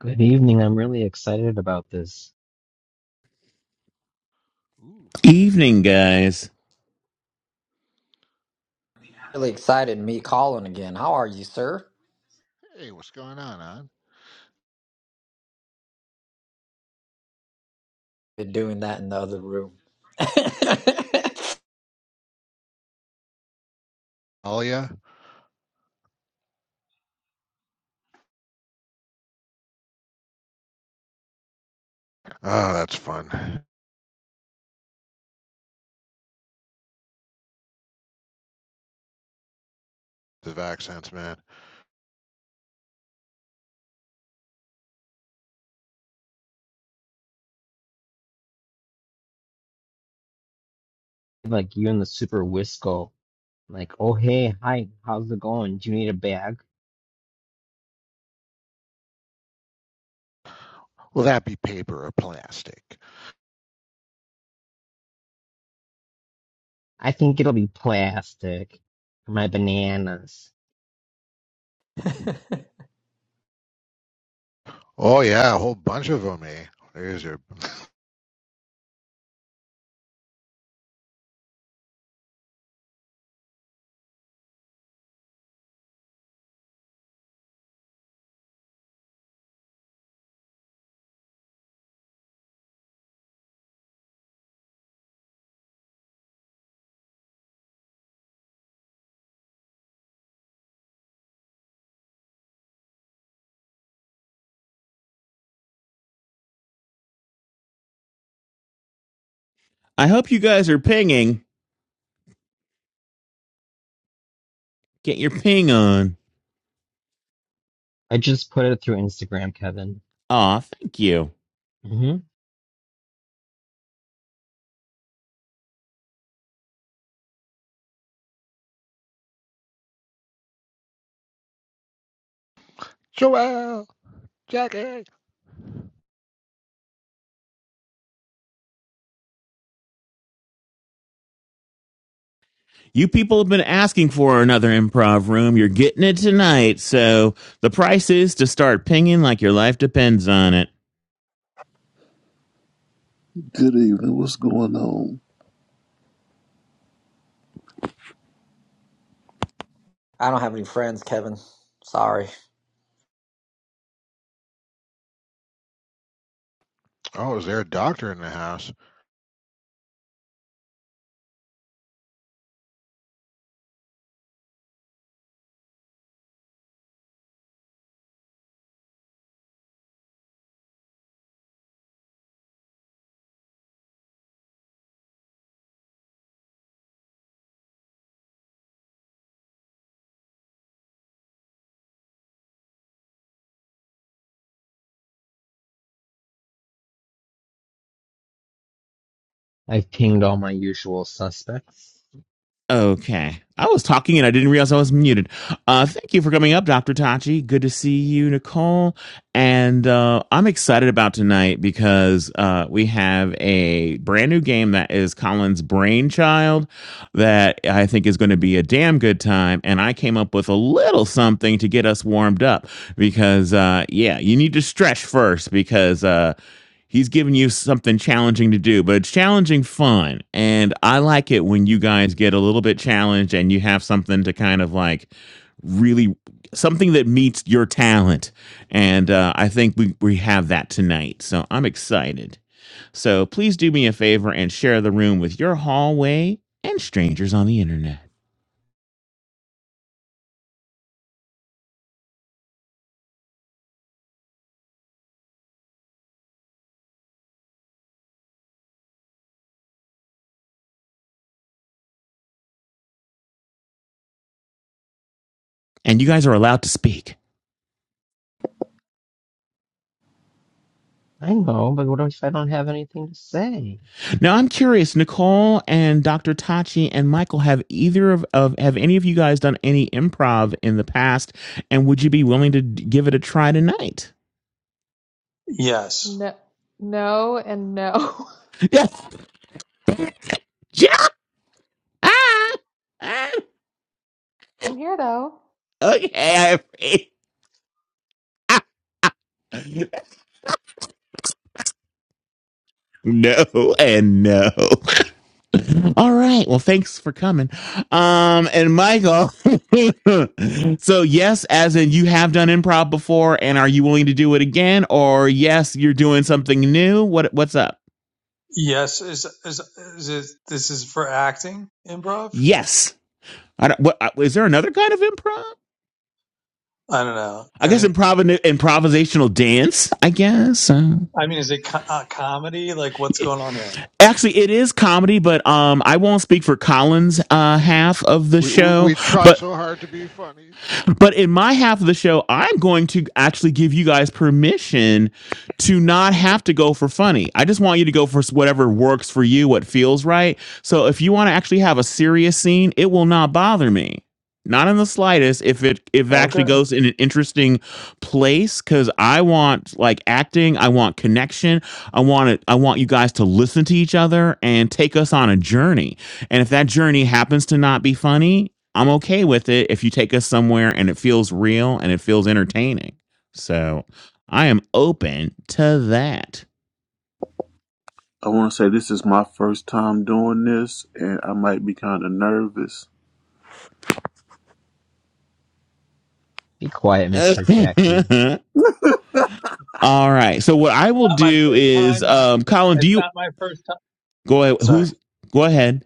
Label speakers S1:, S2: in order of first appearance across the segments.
S1: Good evening. I'm really excited about this.
S2: Ooh, fun times.
S3: Evening, guys.
S4: really excited me calling again. How are you, sir?
S2: Hey, what's going on, on?
S4: Been doing that in the other room. I
S2: Alia? Oh, that's fun. The vaccines, man.
S1: Like you and the Super Whistle. Like, oh hey, hi, how's it going? Do you need a bag?
S2: Will that be paper or plastic?
S1: I think it'll be plastic for my bananas.
S2: Oh, yeah, a whole bunch of them, eh? There's your
S3: I hope you guys are pinging. Get your ping on.
S1: I just put it through Instagram, Kevin.
S3: Aw, thank you.
S1: hmm
S2: Joelle, Jackie.
S3: You people have been asking for another improv room. You're getting it tonight. So the price is to start pinging like your life depends on it.
S5: Good evening. What's going on?
S4: don't have any friends, Kevin. Sorry.
S2: Oh, is there a doctor in the house?
S1: I've pinged all my usual suspects.
S3: Okay. I was talking and I didn't realize I was muted. Uh, thank you for coming up, Dr. Tachi. Good to see you, Nicole. And uh, I'm excited about tonight because uh, we have a brand new game that is Colin's brainchild that I think is going to be a damn good time. And I came up with a little something to get us warmed up because, uh, yeah, you need to stretch first because. Uh, he's giving you something challenging to do, but it's challenging fun. And I like it when you guys get a little bit challenged and you have something to kind of like really something that meets your talent. And uh, I think we, we have that tonight. So I'm excited. So please do me a favor and share the room with your hallway and strangers on the internet. And you guys are allowed to speak.
S1: I know, but what if I don't have anything to say?
S3: Now I'm curious, Nicole and Dr. Tachi and Michael, have either of, of have any of you guys done any improv in the past? And would you be willing to d- give it a try tonight?
S6: Yes.
S7: No, no, and no.
S3: Yes. Yeah. Ah, ah,
S7: I'm here though.
S3: okay. I- ah. no and no. All right. Well, thanks for coming. Um, and Michael. so yes, as in you have done improv before, and are you willing to do it again? Or yes, you're doing something new? What what's up?
S6: Yes. Is, is, is it, this is for acting improv?
S3: Yes. I don't, what, uh, is there another kind of improv?
S6: I don't know.
S3: I
S6: And
S3: guess
S6: it,
S3: improv improvisational dance. I guess. Uh,
S6: I mean, is it co- uh, comedy? Like what's
S3: yeah.
S6: going on here?
S3: actually, it is comedy, but um, I won't speak for Colin's uh, half of the
S2: We, we,
S3: show.
S2: we try
S3: But
S2: so hard to be funny.
S3: But in my half of the show, I'm going to actually give you guys permission to not have to go for funny. I just want you to go for whatever works for you, what feels right. So if you want to actually have a serious scene, it will not bother me. Not in the slightest if it if it
S6: Okay.
S3: actually goes in an interesting place cuz I want like acting, I want connection. I want it I want you guys to listen to each other and take us on a journey. And if that journey happens to not be funny, I'm okay with it if you take us somewhere and it feels real and it feels entertaining. So I am open to that.
S5: I want to say this is my first time doing this, and I might be kind of nervous.
S1: Be quiet, Mr. Jackie.
S3: All right. So what I will
S6: Not my
S3: do
S6: first
S3: is,
S6: time and I,
S3: um, Colin, do
S6: it's
S3: you
S6: not my first time.
S3: go ahead?
S6: Sorry.
S3: Who's go ahead?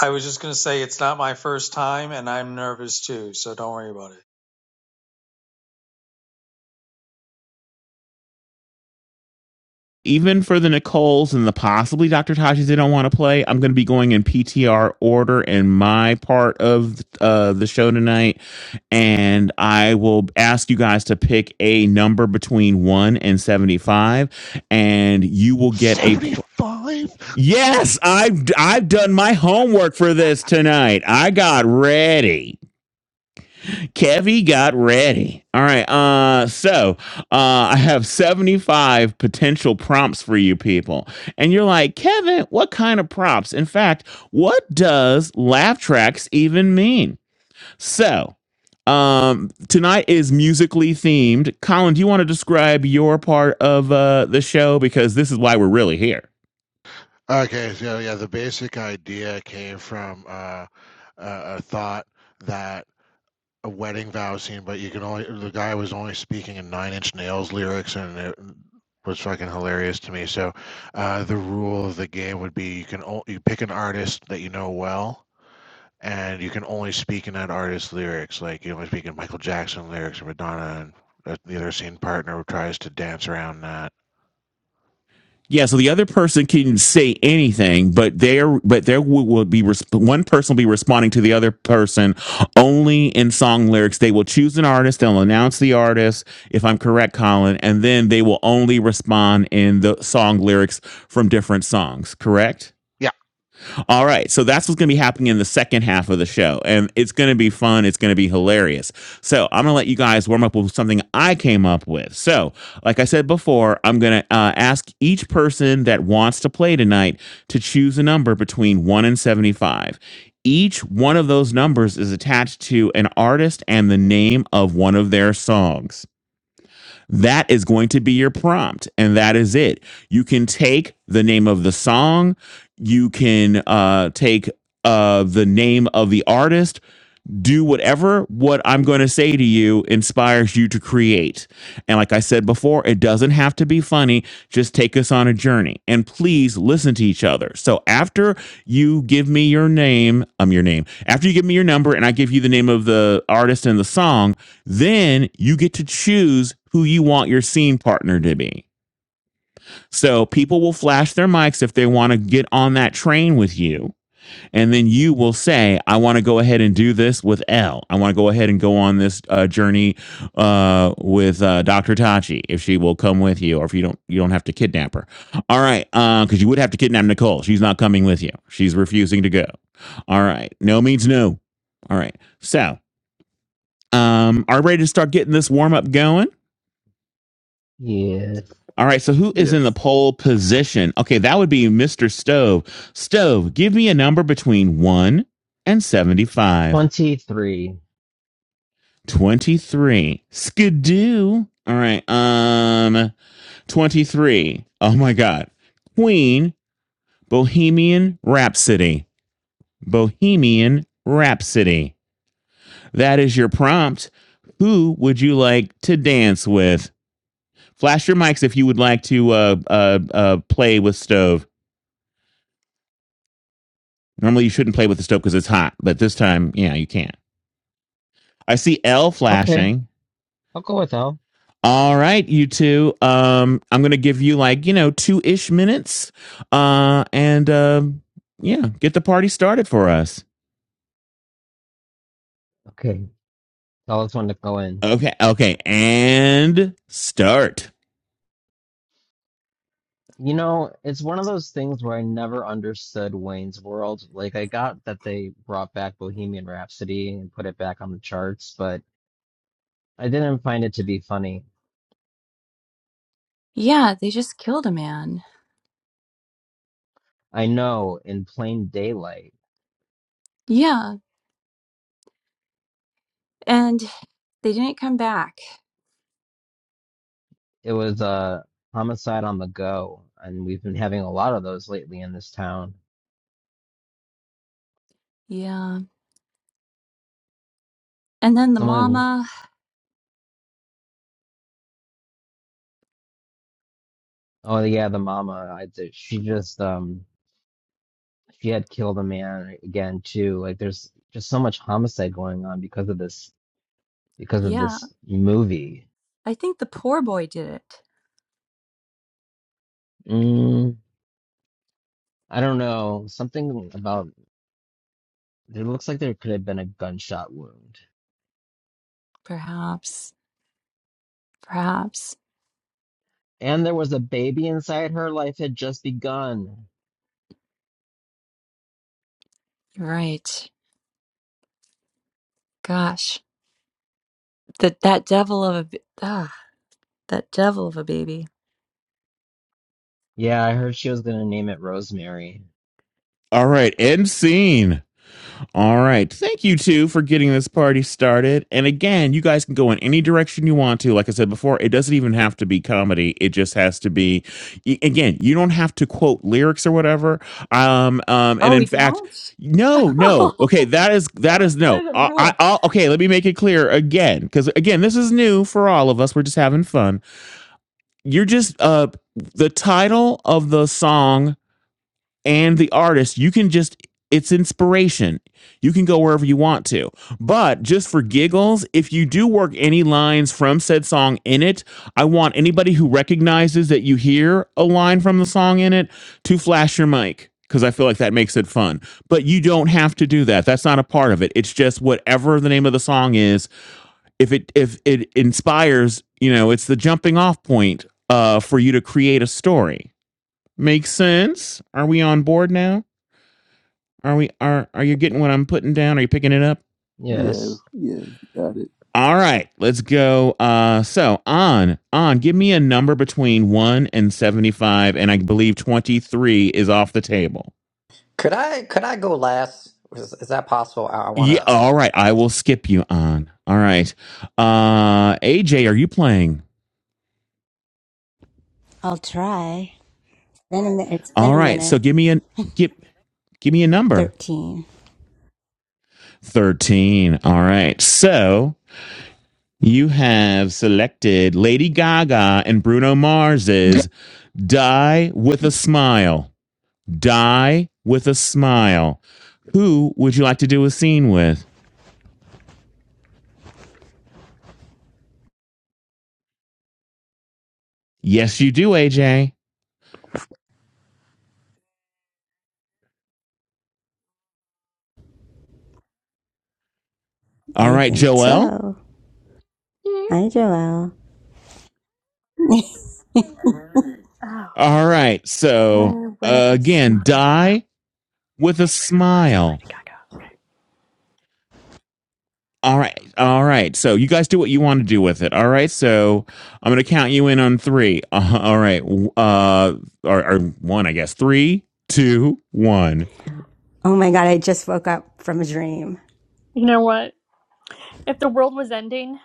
S6: I was just going to say it's not my first time and I'm nervous too. So don't worry about it.
S3: Even for the Nicoles and the possibly Dr. Tajis they don't want to play, I'm going to be going in PTR order in my part of uh, the show tonight. and I will ask you guys to pick a number between 1 and 75 and you will get a pr-
S2: 75?
S3: Yes, I have I've done my homework for this tonight. I got ready. Kevy got ready. All right. Uh so, uh I have 75 potential prompts for you people. And you're like, "Kevin, what kind of prompts? In fact, what does laugh tracks even mean?" So, um, tonight is musically themed. Colin, do you want to describe your part of uh, the show? Because this is why we're really here.
S2: Okay, so yeah, the basic idea came from uh, a, a thought that a wedding vow scene, but you can only the guy was only speaking in Nine Inch Nails lyrics, and it was fucking hilarious to me. So, uh, the rule of the game would be you can o- you pick an artist that you know well, and you can only speak in that artist's lyrics. Like you only speak in Michael Jackson lyrics or Madonna, and uh, the other scene partner tries to dance around that.
S3: Yeah, so the other person can say anything, but there, but there will, will be resp- one person will be responding to the other person only in song lyrics. They will choose an artist, they'll announce the artist, if I'm correct, Colin, and then they will only respond in the song lyrics from different songs. Correct?
S2: Yeah,
S3: All right. So that's what's going to be happening in the second half of the show. And it's going to be fun. It's going to be hilarious. So I'm going to let you guys warm up with something I came up with. So, like I said before, I'm going to uh, ask each person that wants to play tonight to choose a number between 1 and 75. Each one of those numbers is attached to an artist and the name of one of their songs. That is going to be your prompt, and that is it. You can take the name of the song, you can uh, take uh, the name of the artist, do whatever what I'm going to say to you inspires you to create. And like I said before, it doesn't have to be funny. Just take us on a journey and please listen to each other. So after you give me your name, um, your name, after you give me your number and I give you the name of the artist and the song, then you get to choose who you want your scene partner to be. So people will flash their mics if they want to get on that train with you and then you will say, I want to go ahead and do this with L. I want to go ahead and go on this uh, journey uh, with uh, Dr. Tachi if she will come with you, or if you don't, you don't have to kidnap her. All right, because you would have to kidnap Nicole. She's not coming with you. She's refusing to go. All right, no means no. All right, so um, are we ready to start getting this warm up going?
S1: Yeah,
S3: All right, so who is in the
S5: Yes.
S3: pole position? Okay, that would be Mr. Stove. Stove, give me a number between one and seventy-five.
S1: 23.
S3: 23. Skidoo. All right. Um 23. Oh my god. Queen Bohemian Rhapsody. Bohemian Rhapsody. That is your prompt. Who would you like to dance with? Flash your mics if you would like to uh uh uh play with stove. Normally you shouldn't play with the stove because it's hot, but this time, yeah, you can. I see L
S1: Okay,
S3: flashing.
S1: I'll go with L.
S3: All right, you two. Um, I'm gonna give you like you know two ish minutes. Uh, and um, yeah, get the party started for us.
S1: Okay, tell us when to go in.
S3: Okay, okay, and start.
S1: You know, it's one of those things where I never understood Wayne's World. Like, I got that they brought back Bohemian Rhapsody and put it back on the charts, but I didn't find it to be funny.
S8: Yeah, they just killed a man.
S1: I know in plain daylight,
S8: Yeah, and they didn't come back.
S1: it was a homicide on the go, and we've been having a lot of those lately in this town.
S8: Yeah. And then the
S1: Someone,
S8: mama,
S1: oh yeah, the mama, I, she just, um, she had killed a man again too. Like, there's just so much homicide going on because of this, because of
S8: yeah,
S1: this movie.
S8: I think the poor boy did it.
S1: Mm, I don't know. Something about it looks like there could have been a gunshot wound.
S8: Perhaps. Perhaps.
S1: And there was a baby inside. Her life had just begun.
S8: You're right. Gosh, that that devil of a b- ah, that devil of a baby.
S1: Yeah, I heard she was gonna name it Rosemary.
S3: All right, end scene. All right. Thank you two for getting this party started. And again, you guys can go in any direction you want to. Like I said before, it doesn't even have to be comedy. It just has to be y- again, you don't have to quote lyrics or whatever. Um um and
S8: Oh,
S3: in
S8: we
S3: fact,
S8: don't?
S3: no, no.
S8: Oh,
S3: Okay, that is
S8: that
S3: that
S8: was
S3: is
S8: part
S3: no.
S8: of the
S3: I, I
S8: rule.
S3: I'll, okay, let me make it clear again cuz again, this is new for all of us. We're just having fun. You're just uh the title of the song and the artist, you can just it's inspiration. You can go wherever you want to. But just for giggles, if you do work any lines from said song in it, I want anybody who recognizes that you hear a line from the song in it to flash your mic because I feel like that makes it fun. But you don't have to do that. That's not a part of it. It's just whatever the name of the song is. If it if it inspires, you know, it's the jumping off point uh, for you to create a story. Makes sense? Are we on board now? Are we are are you getting what I'm putting down? Are you picking it up?
S5: Yeah,
S1: Yes.
S5: yeah, you got it.
S3: All right, let's go. Uh so on, on, give me a number between one and seventy-five, and I believe twenty-three is off the table.
S4: Could I could I go last? Is, is that possible? I, I want to.
S3: Yeah, all right, I will skip you on. All right. Uh AJ, are you playing?
S9: I'll try. Been a minute. It's been
S3: All
S9: a
S3: right,
S9: minute.
S3: so give me a give give me a number.
S9: Thirteen.
S3: Thirteen. All right. So you have selected Lady Gaga and Bruno Mars's Die with a Smile. Die with a smile. Who would you like to do a scene with? Yes, you do, AJ. All
S9: I
S3: right,
S9: think
S3: Joel.
S9: so.
S10: You
S9: Hi, Joelle.
S10: oh,
S3: All right. So
S10: I wear
S3: uh,
S10: the
S3: again,
S10: smile. Hey,
S3: die with a
S10: Bruno Mars and
S3: smile.
S10: Lady Gaga. Okay.
S3: All right. All right. So you guys do what you want to do with it. All right. So I'm going to count you in on three. Uh, all right. Uh, or, or one, I guess. Three, two, one.
S9: oh my god, I just woke up from a dream.
S10: You know what? If the world was ending,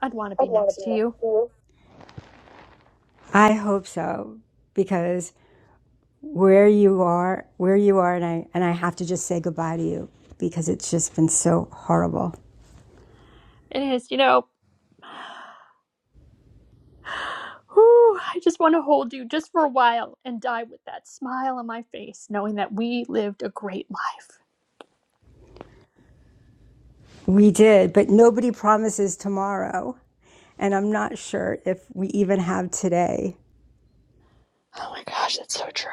S10: I'd want to be next to you.
S9: I hope so because where you are, where you are, and I and I have to just say goodbye to you because it's just been so horrible.
S10: It is, you know. Whew, I just want to hold you just for a while and die with that smile on my face, knowing that we lived a great life.
S9: We did, but nobody promises tomorrow, and I'm not sure if we even have today.
S10: Oh my gosh, that's so true.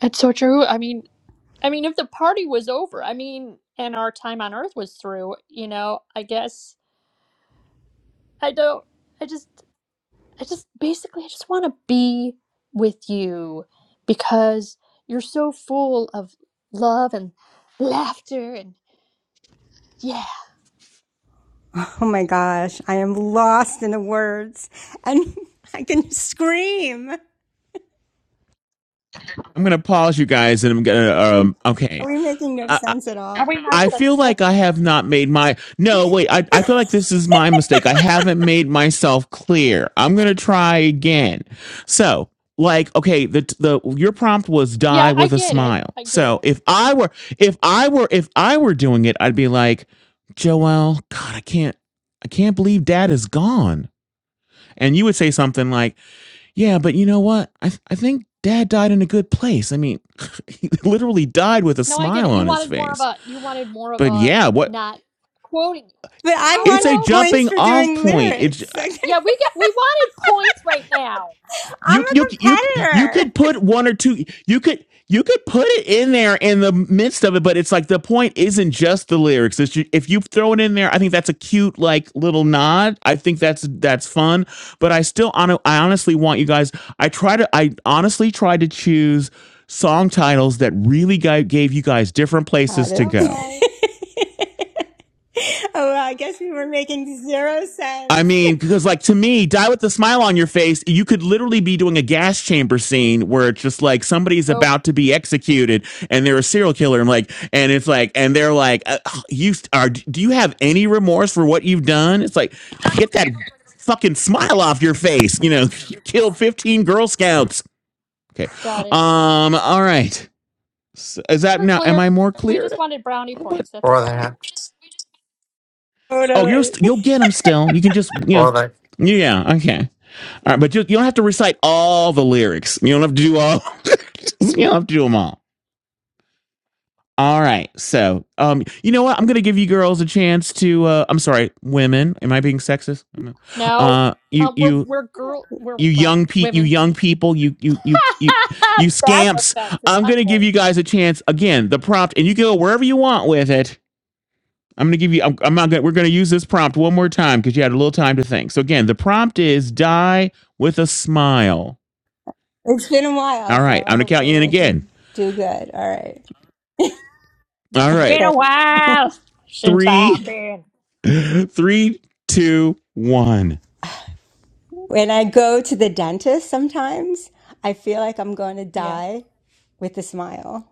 S10: It's so true. I mean, I mean, if the party was over, I mean, and our time on Earth was through, you know, I guess I don't. I just. I just basically I just want to be with you because you're so full of love and laughter and yeah.
S9: Oh my gosh, I am lost in the words, and I can scream.
S3: I'm going to pause you guys and I'm going to,
S9: Um,
S3: um,
S9: Are
S3: okay.
S9: we making no
S3: I,
S9: sense at all?
S10: Are we
S3: I feel
S10: nonsensical?
S3: like I have not made my no wait. I, I feel like this is my mistake. I haven't made myself clear. I'm gonna try again. So like okay, the the your prompt was die
S10: Yeah, I
S3: with a
S10: get it.
S3: smile.
S10: I get
S3: So
S10: it.
S3: if I were if I were if I were doing it, I'd be like, Joel, God, I can't I can't believe Dad is gone. And you would say something like, Yeah, but you know what? I th- I think Dad died in a good place. I mean, he literally died with a
S10: No, I get
S3: smile
S10: it. You
S3: on his
S10: wanted more of
S3: face
S10: a you wanted more of
S3: but
S10: a
S3: yeah, what
S10: not quoting.
S9: But I
S10: I
S3: It's a
S9: wanted
S10: know.
S9: points
S3: jumping
S9: for
S3: off
S9: doing
S3: point. It's
S9: lyrics.
S10: Yeah,
S9: I'm
S10: we got we wanted points right now.
S3: you you you
S9: a
S3: you
S9: competitor.
S3: could put one or two you could you could put it in there in the midst of it, but it's like the point isn't just the lyrics. It's ju- if you throw it in there, I think that's a cute like little nod. I think that's that's fun. But I still hon- I honestly want you guys. I try to I honestly try to choose song titles that really gui- gave you guys different
S9: Got
S3: places to
S9: it.
S3: go
S10: Okay.
S9: oh, well, I guess we were making zero
S3: I
S9: sense.
S3: mean, because like to me, die with a smile on your face, you could literally be doing a gas chamber scene where it's just like somebody's
S10: Nope.
S3: about to be executed and they're a serial killer and like and it's like and they're like uh, oh, you are do you have any remorse for what you've done? It's like get that fucking smile off your face. You know, you killed 15 Girl Scouts. Okay.
S10: Got it.
S3: Um all right. S- Is that
S10: We're
S3: now am
S10: clear.
S3: I more
S10: We
S3: clear?
S10: just
S3: now?
S10: wanted brownie
S3: What?
S10: points. That's
S11: Or
S10: all.
S11: that,
S3: Oh, you'll
S9: Totally.
S3: st- you'll get them still. You can just, you know,
S11: or that.
S3: yeah, okay. All right, but you, you don't have to recite all the lyrics. You don't have to do all. you don't have to do them all. All right. So, um, you know what? I'm gonna give you girls a chance to. Uh, I'm sorry, women. Am I being sexist? I don't know.
S10: No,
S3: Uh, you
S10: uh, we're
S3: you
S10: we're girl. We're
S3: you
S10: well,
S3: young pe you
S10: women.
S3: young people you you you you you
S10: That's
S3: scamps.
S10: offensive.
S3: I'm
S10: I'm
S3: gonna give
S10: old.
S3: you guys a chance again. The prompt, and you go wherever you want with it. I'm gonna give you. I'm, I'm not gonna. We're gonna use this prompt one more time because you had a little time to think. So again, the prompt is die with a smile.
S9: It's been a while,
S3: All
S9: so
S3: right, I'm gonna count you
S9: hopefully
S3: in
S9: I
S3: again.
S9: can do good. All right.
S3: All
S10: Been
S3: right.
S9: Okay.
S10: a while since I've
S3: Three,
S10: been.
S3: three, two, one.
S9: When I go to the dentist sometimes, I feel like I'm going to
S10: Yeah.
S9: die with a smile.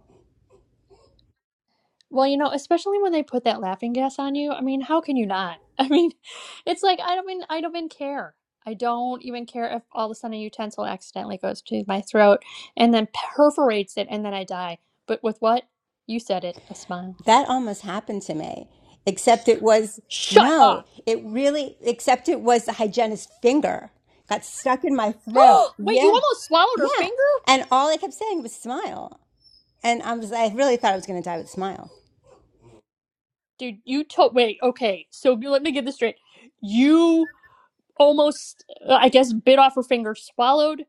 S10: Well, you know, especially when they put that laughing gas on you. I mean, how can you not? I mean, it's like I don't even I don't even care. I don't even care if all of a sudden a utensil accidentally goes to my throat and then perforates it and then I die. But with what? You said it, a smile.
S9: That almost happened to me, except it was
S10: Shut
S9: no,
S10: up.
S9: it really, except it was the hygienist's finger got stuck in my throat.
S10: wait, you
S9: Yeah,
S10: almost swallowed her
S9: yeah.
S10: finger?
S9: And all I kept saying was smile. And I was, I really thought I was going to die with a smile.
S10: Dude, you told wait, okay, so you- let me get this straight. You almost, uh, I guess, bit off her finger, swallowed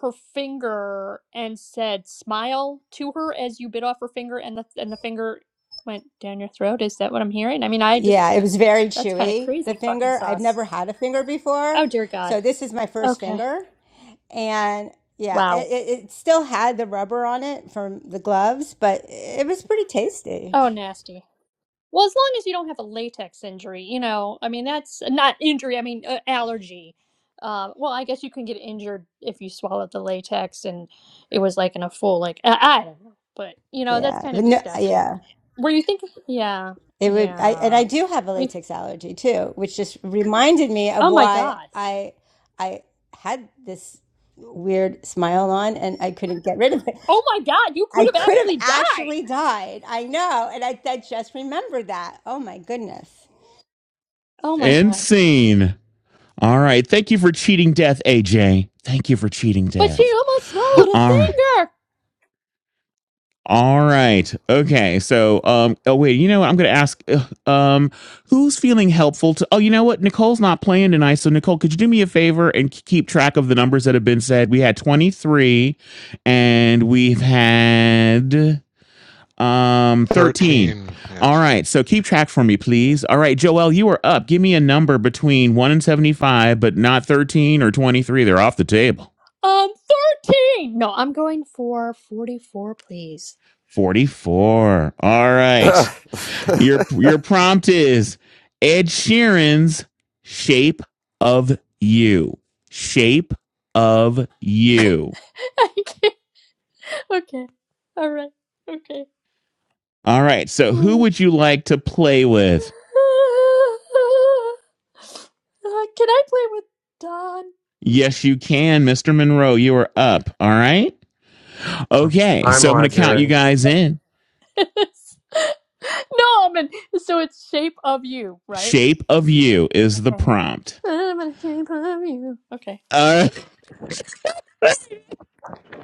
S10: her finger, and said, "Smile to her as you bit off her finger," and the and the finger went down your throat. Is that what I'm hearing? I mean, I
S9: Yeah,
S10: just
S9: it was very
S10: that's kind of
S9: chewy, the
S10: crazy, fucking
S9: finger. I've
S10: sauce.
S9: never had a finger before.
S10: Oh dear God.
S9: So this is my first
S10: Okay.
S9: finger. And yeah, it,
S10: Wow.
S9: it, it still had the rubber on it from the gloves, but it was pretty tasty.
S10: Oh nasty. Well, as long as you don't have a latex injury, you know, I mean, that's not injury, I mean, uh, allergy. Um, well, I guess you can get injured if you swallowed the latex and it was like in a full, like, I, I don't know. But, you know, that's
S9: Yeah.
S10: kind of
S9: But no, yeah.
S10: disgusting. Were you thinking? Yeah.
S9: It would, I, and
S10: Yeah.
S9: I do have a
S10: We,
S9: latex allergy too, which just reminded me of
S10: oh my
S9: why
S10: God.
S9: I I had this weird smile on and I couldn't get rid of it.
S10: Oh my God. You
S9: I
S10: could have
S9: could have
S10: actually died.
S9: actually died. I know, and I, I just remembered that. Oh my goodness!
S10: Oh my
S3: End
S10: God.
S3: scene. All right. Thank you for cheating death, AJ. Thank you for cheating
S10: But she
S3: death.
S10: almost swallowed a
S3: All right.
S10: finger.
S3: All right. Okay. So, um, oh, wait, you know what? I'm going to ask, ugh, um, who's feeling helpful to, oh, you know what? Nicole's not playing tonight. So, Nicole, could you do me a favor and k- keep track of the numbers that have been said? We had 23 and we've had Um, 13.
S2: thirteen. Yes.
S3: All right. So keep track for me, please. All right, Joel, you are up. Give me a number between 1 and 75, but not 13 or 23. They're off the table.
S10: Um, 13. No, I'm going for 44, please.
S3: 44. All
S12: yeah.
S3: right. Your your prompt is Ed Sheeran's Shape of You. Shape of You.
S10: I can't. Okay. All right. Okay.
S3: All right. So who
S10: Uh,
S3: would you like to play with?
S10: Can I play with Don?
S3: Yes, you can, Mr. Monroe. You are up. All right. Okay,
S11: Hi,
S3: so I'm gonna count you
S11: Marjorie.
S3: guys in.
S10: no, I'm in. So it's shape of you, right?
S3: Shape of you is the
S10: Okay.
S3: prompt.
S10: I'm in shape of you. Okay.
S3: All right.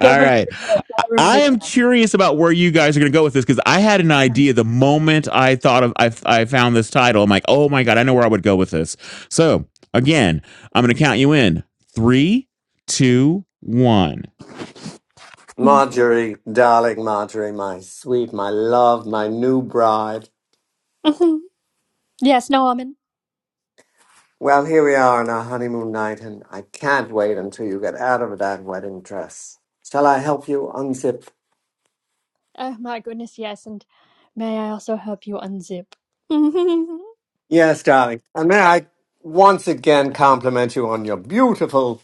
S10: Don't remember
S3: right.
S10: the lyrics, all I
S3: I
S10: remember
S3: am curious about where you guys are going to go with this because I had an
S10: that.
S3: idea the moment I thought of, I, I found this title. I'm like, oh my God, I know where I would go with this. So again, I'm going to count you in three, two, one.
S11: Marjorie, darling Marjorie, my sweet, my love, my new bride.
S10: Mhm. yes, no, I'm in.
S11: Well, here we are on our honeymoon night, and I can't wait until you get out of that wedding dress. Shall I help you unzip?
S10: Oh my goodness, yes, and may I also help you unzip?
S11: Yes, darling. And may I once again compliment you on your beautiful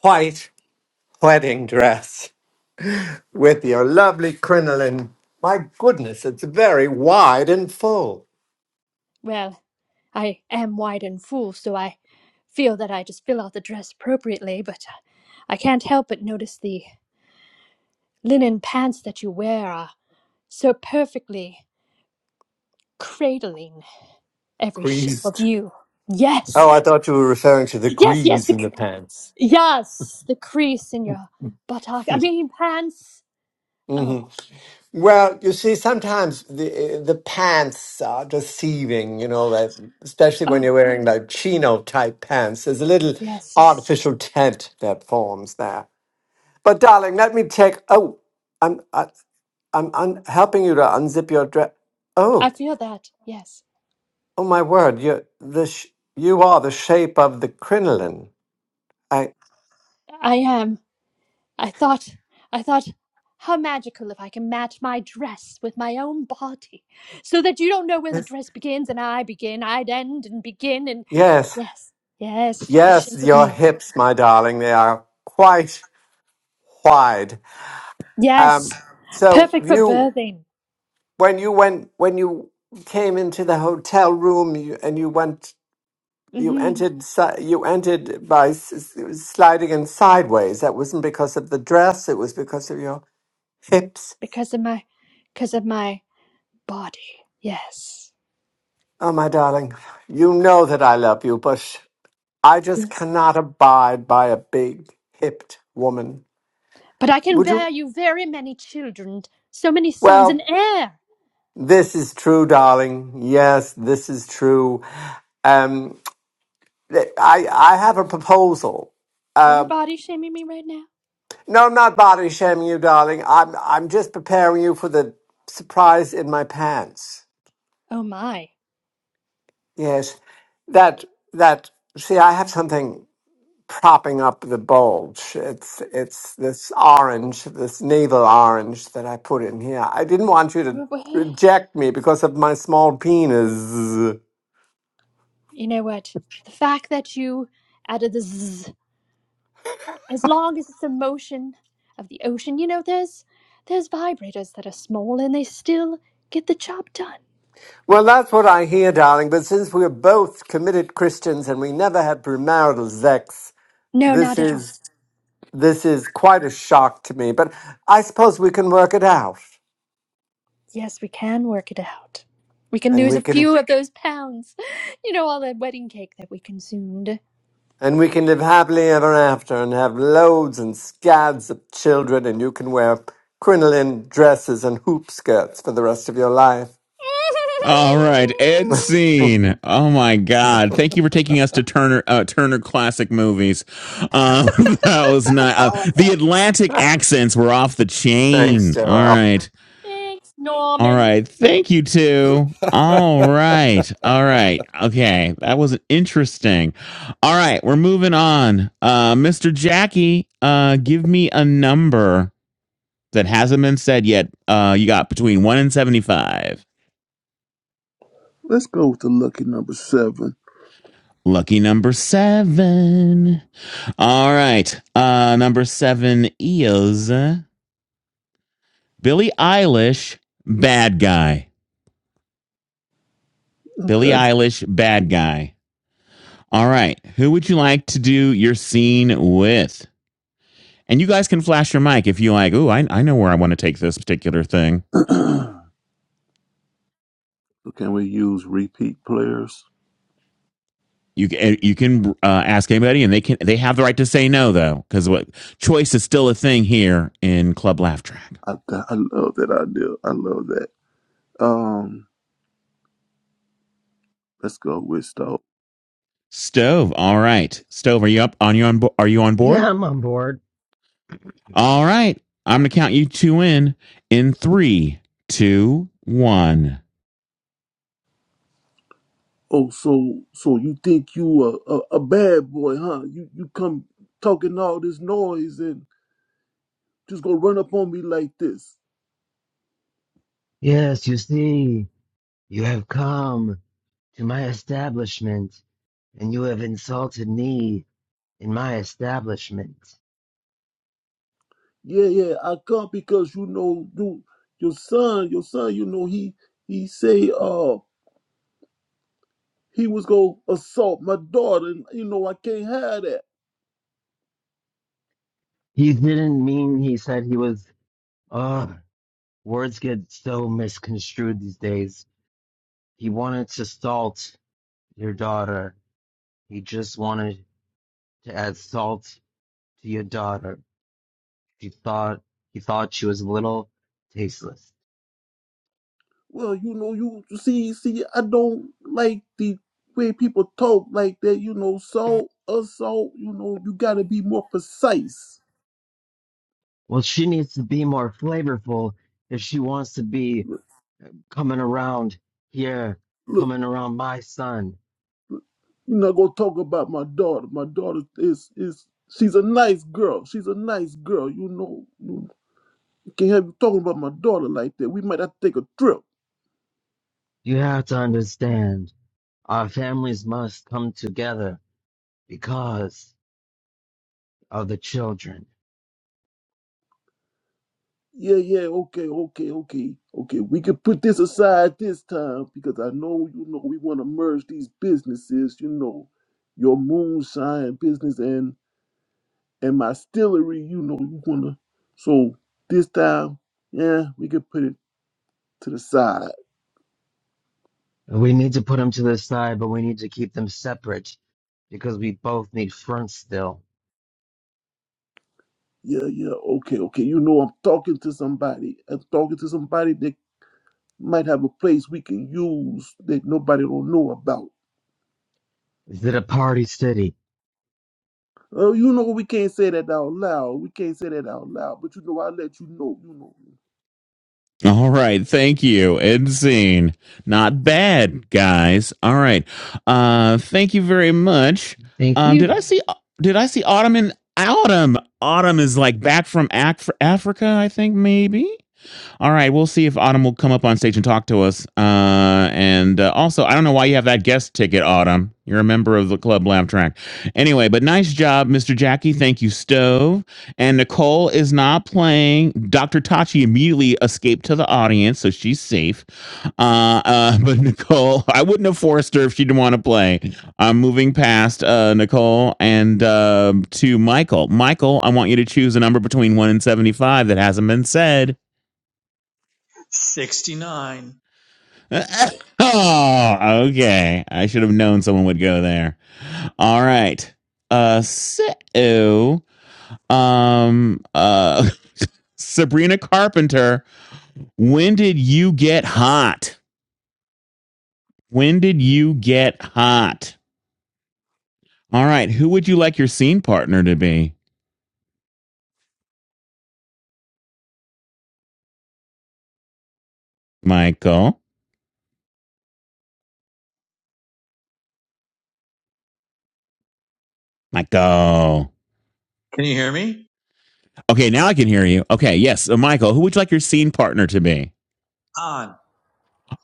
S11: white wedding dress with your lovely crinoline. My goodness, it's very wide and full,
S10: well, I am wide and full, so I feel that I just fill out the dress appropriately, but uh, I can't help but notice the linen pants that you wear are so perfectly cradling every shape of
S11: creased.
S10: you. Yes,
S11: Oh, I thought you were referring to the
S10: yes, yes,
S11: grease
S10: the,
S11: in
S10: cr-
S11: the pants.
S10: yes, the crease in your buttock. I mean, pants.
S11: hmm
S10: Oh,
S11: Well, you see, sometimes the eh, the pants are deceiving. You know that, especially when you're
S10: oh,
S11: wearing like chino type pants. There's a little
S10: yes.
S11: artificial tent that forms there. But darling, let me take. Oh, I'm I, I'm un- helping you to unzip your dress.
S10: I
S11: Oh,
S10: feel that, yes.
S11: oh my word! You the sh- you are the shape of the crinoline. I
S10: I am. I thought, I thought, how magical if I can match my dress with my own body, so that you don't know where the
S11: yes
S10: dress begins and I begin, I'd end and begin, and
S11: Yes.
S10: yes, yes, the
S11: Yes,
S10: shape of
S11: your
S10: me,
S11: hips, my darling, they are quite wide.
S10: yes,
S11: Um, so
S10: perfect for
S11: you,
S10: birthing,
S11: when you went, when you came into the hotel room, you, and you went, you
S10: hmm
S11: entered, si- you entered by s- s- sliding in sideways. That wasn't because of the dress; it was because of your hips.
S10: because of my, because of my body, yes,
S11: Oh, my darling, you know that I love you, but I just
S10: yes.
S11: cannot abide by a big hipped woman.
S10: But I can
S11: Would
S10: bear
S11: you?
S10: you very many children, so many sons
S11: Well,
S10: and heir.
S11: This is true, darling. Yes, this is true. Um, I I have a proposal.
S10: Are you
S11: Uh,
S10: body shaming me right now?
S11: no, I'm not body shaming you, darling. I'm I'm just preparing you for the surprise in my pants.
S10: Oh my.
S11: Yes, that that. See, I have something propping up the bulge. It's it's this orange, this navel orange that I put in here. I didn't want you to
S10: Where
S11: reject me because of my small penis.
S10: You know what? The fact that you added the zzz, as long as it's the motion of the ocean, you know, there's there's vibrators that are small and they still get the job done.
S11: Well, that's what I hear, darling. But since we're both committed Christians and we never had premarital sex,
S10: No,
S11: this
S10: not at all.
S11: is this is quite a shock to me. But I suppose we can work it out,
S10: Yes, we can work it out. We can
S11: and
S10: lose
S11: we
S10: a
S11: can
S10: few of those pounds. You know, all that wedding cake that we consumed.
S11: and we can live happily ever after, and have loads and scads of children, and you can wear crinoline dresses and hoop skirts for the rest of your life.
S3: All right, Ed Scene. Oh my God! Thank you for taking us to Turner uh, Turner Classic Movies. Um, that was not uh,
S4: How was
S3: the
S4: that?
S3: Atlantic accents were off the
S11: Thanks,
S3: chain. All
S11: Joelle.
S3: right,
S10: Thanks,
S3: all
S10: Norman.
S3: right. Thank you too. All right, all right. Okay, that was interesting. All right, we're moving on. Uh, Mr. Jackie, uh, give me a number that hasn't been said yet. Uh, you got between one and seventy-five.
S5: Let's go with the lucky number seven.
S3: Lucky number seven. All right. Uh, number seven is uh, Billie Eilish, bad guy. Billie
S5: Okay.
S3: Eilish, bad guy. All right. Who would you like to do your scene with? And you guys can flash your mic if you like. Ooh, I, I know where I want to take this particular thing.
S5: so can we use repeat players?
S3: You eh, you can uh, ask anybody, and they can they have the right to say no though, because what choice is still a thing here in Club Laugh Track.
S5: I th- I love that idea. I love that. Um, let's go with Stowe.
S3: Stove. All right, Stove. Are you up? On you on? Are you on board?
S1: Yeah, I'm on board.
S3: All right. I'm going to count you two in in three, two, one.
S5: Oh, so so you think you a, a a bad boy, huh? You you come talking all this noise and just gonna run up on me like this?
S1: Yes, you see, you have come to my establishment, and you have insulted me in my establishment.
S5: Yeah, yeah, I come because you know you your son, your son, you know, he he say uh he was gonna assault my daughter and you know I can't have that.
S1: He didn't mean he said he was. Ugh, words get so misconstrued these days. He wanted to salt your daughter. He just wanted to add salt to your daughter. He thought he thought she was a little tasteless.
S5: Well, you know, you you see see I don't like the way people talk like that, you know, so assault, you know, you gotta be more precise.
S1: Well, she needs to be more flavorful if she wants to be coming around here,
S5: Look,
S1: coming around my son.
S5: you're not gonna talk about my daughter. My daughter is is she's a nice girl. She's a nice girl, you know. You can't have you talking about my daughter like that. We might have to take a trip.
S1: You have to understand, our families must come together because of the children.
S5: Yeah, yeah, okay, okay, okay, okay. We can put this aside this time because I know, you know, we want to merge these businesses, you know, your moonshine business and and my stillery, you know, you wanna. So this time, yeah, we can put it to the side.
S1: We need to put them to the side, but we need to keep them separate because we both need fronts still.
S5: Yeah, yeah, okay, okay. You know, I'm talking to somebody. I'm talking to somebody that might have a place we can use that nobody don't know about.
S1: Is it a party city?
S5: Oh, you know we can't say that out loud. We can't say that out loud. But you know, I let you know. You know.
S3: All right. Thank you. End scene. Not bad, guys. All right. Uh, thank you very much.
S1: Thank
S3: Um, did I
S1: you.
S3: see, did I see Autumn in Autumn? Autumn is like back from Ac- Africa, I think maybe. All right, we'll see if Autumn will come up on stage and talk to us. Uh, and uh, also, I don't know why you have that guest ticket, Autumn. You're a member of the Club Laugh Track. Anyway, but nice job, Mr. Jackie. Thank you, Stove. And Nicole is not playing. Dr. Tachi immediately escaped to the audience, so she's safe. Uh, uh, but Nicole, I wouldn't have forced her if she didn't want to play. I'm moving past uh, Nicole and uh, to Michael. Michael, I want you to choose a number between 1 and 75 that hasn't been said.
S6: 69.
S3: oh, okay. I should have known someone would go there. All right. Uh, so, um, uh, Sabrina Carpenter, when did you get hot? When did you get hot? All right. Who would you like your scene partner to be? Michael. Michael.
S6: Can you hear me?
S3: Okay. Now I can hear you. Okay. Yes. uh, Michael, who would you like your scene partner to be?
S6: On.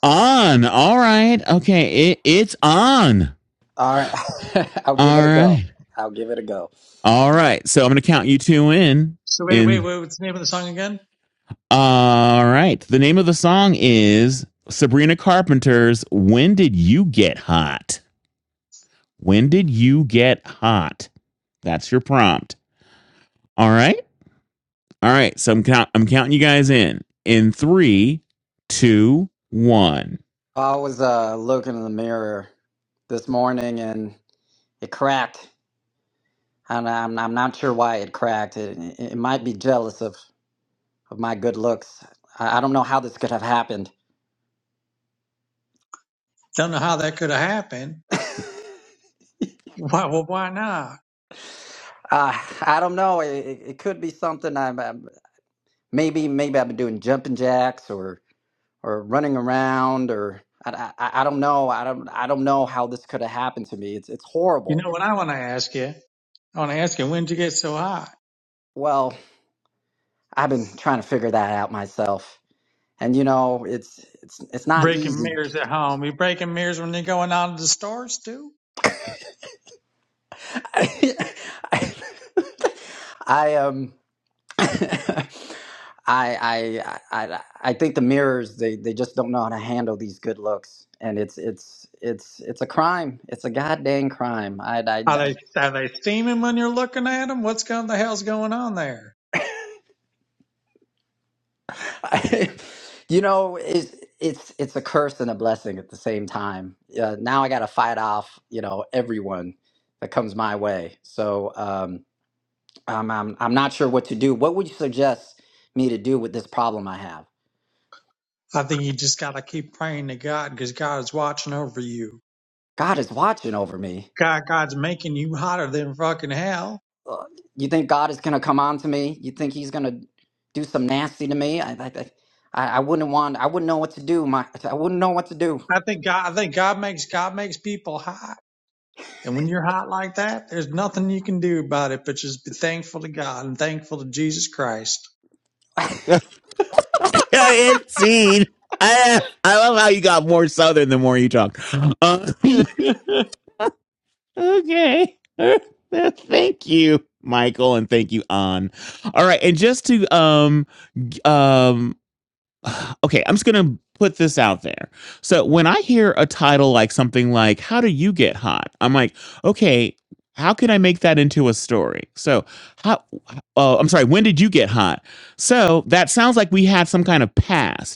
S3: On. All right. Okay. It, it's on.
S4: All right, I'll give
S3: All
S4: it a go.
S3: right.
S4: I'll give it a go.
S3: All right. So I'm going to count you two in.
S6: So wait, wait,
S3: In
S6: wait. What's the name of the song again?
S3: all right. The name of the song is Sabrina Carpenter's "When Did You Get Hot." When did you get hot? That's your prompt. All right. All right. So I'm count. I'm counting you guys in. In three, two, one.
S4: I was uh, looking in the mirror this morning and it cracked. And I'm, I'm not sure why it cracked. It, it, it might be jealous of, of my good looks. I, I don't know how this could have happened.
S6: Don't know how that could have happened. Why, well, why not?
S4: Uh, I don't know. It, it it could be something I'm, I'm maybe maybe I've been doing jumping jacks or or running around or I, I, I don't know. I don't I don't know how this could have happened to me. It's it's
S6: You
S4: horrible.
S6: know what I want to ask you? I want to ask you, when did you get so high?
S4: Well, I've been trying to figure that out myself. And you know, it's it's it's not
S6: Breaking
S4: easy.
S6: mirrors at home. You breaking mirrors when you're going out to the stores too?
S4: I um I, I I I think the mirrors they, they just don't know how to handle these good looks, and it's it's it's it's a crime. It's a goddamn crime. I I,
S6: Are they are they steaming when you're looking at them? What's going the hell's going on there?
S4: I, I you know it's it's it's a curse and a blessing at the same time. Uh, now I got to fight off you know everyone that comes my way. So um, I'm I'm I'm not sure what to do. What would you suggest me to do with this problem I have?
S6: I think you just got to keep praying to God because God is watching over you.
S4: God is watching over me.
S6: God God's making you hotter than fucking hell.
S4: uh, you think God is going to come on to me? You think He's going to do some nasty to me? I, I, I, I I wouldn't want. I wouldn't know what to do. My, I wouldn't know what to do.
S6: I think God I think God makes God makes people hot. And when you're hot like that, there's nothing you can do about it but just be thankful to God and thankful to Jesus Christ.
S3: It's seen. I, I love how you got more southern the more you talk. Uh, Okay. thank you, Michael, and thank you, An. All right, and just to um g- um okay, I'm just gonna put this out there. So when I hear a title like something like "How do you get hot?" I'm like, okay, how can I make that into a story? So how? Uh, I'm sorry. When did you get hot? So that sounds like we had some kind of past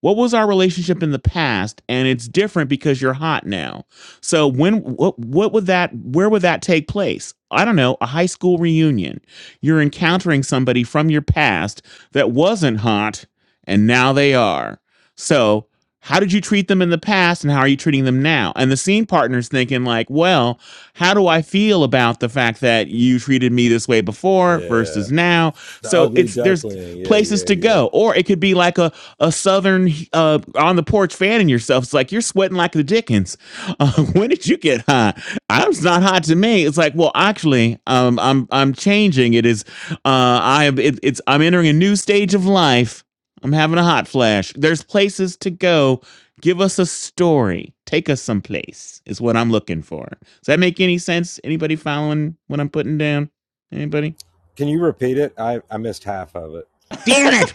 S3: what was our relationship in the past and it's different because you're hot now so when what what would that where would that take place i don't know a high school reunion you're encountering somebody from your past that wasn't hot and now they are so how did you treat them in the past and how are you treating them now and the scene partner's thinking like well how do i feel about the fact that you treated me this way before
S12: The
S3: versus now so
S12: ugly
S3: it's there's
S12: duckling. Yeah,
S3: places
S12: yeah,
S3: to
S12: yeah.
S3: go or it could be like a a southern uh on the porch fanning yourself it's like you're sweating like the dickens uh, when did you get hot i'm it's not hot to me it's like well actually um i'm i'm changing it is uh i am it, it's i'm entering a new stage of life i'm having a hot flash there's places to go give us a story take us someplace is what i'm looking for does that make any sense anybody following what i'm putting down anybody
S12: Can you repeat it? I, I missed half of it.
S3: damn it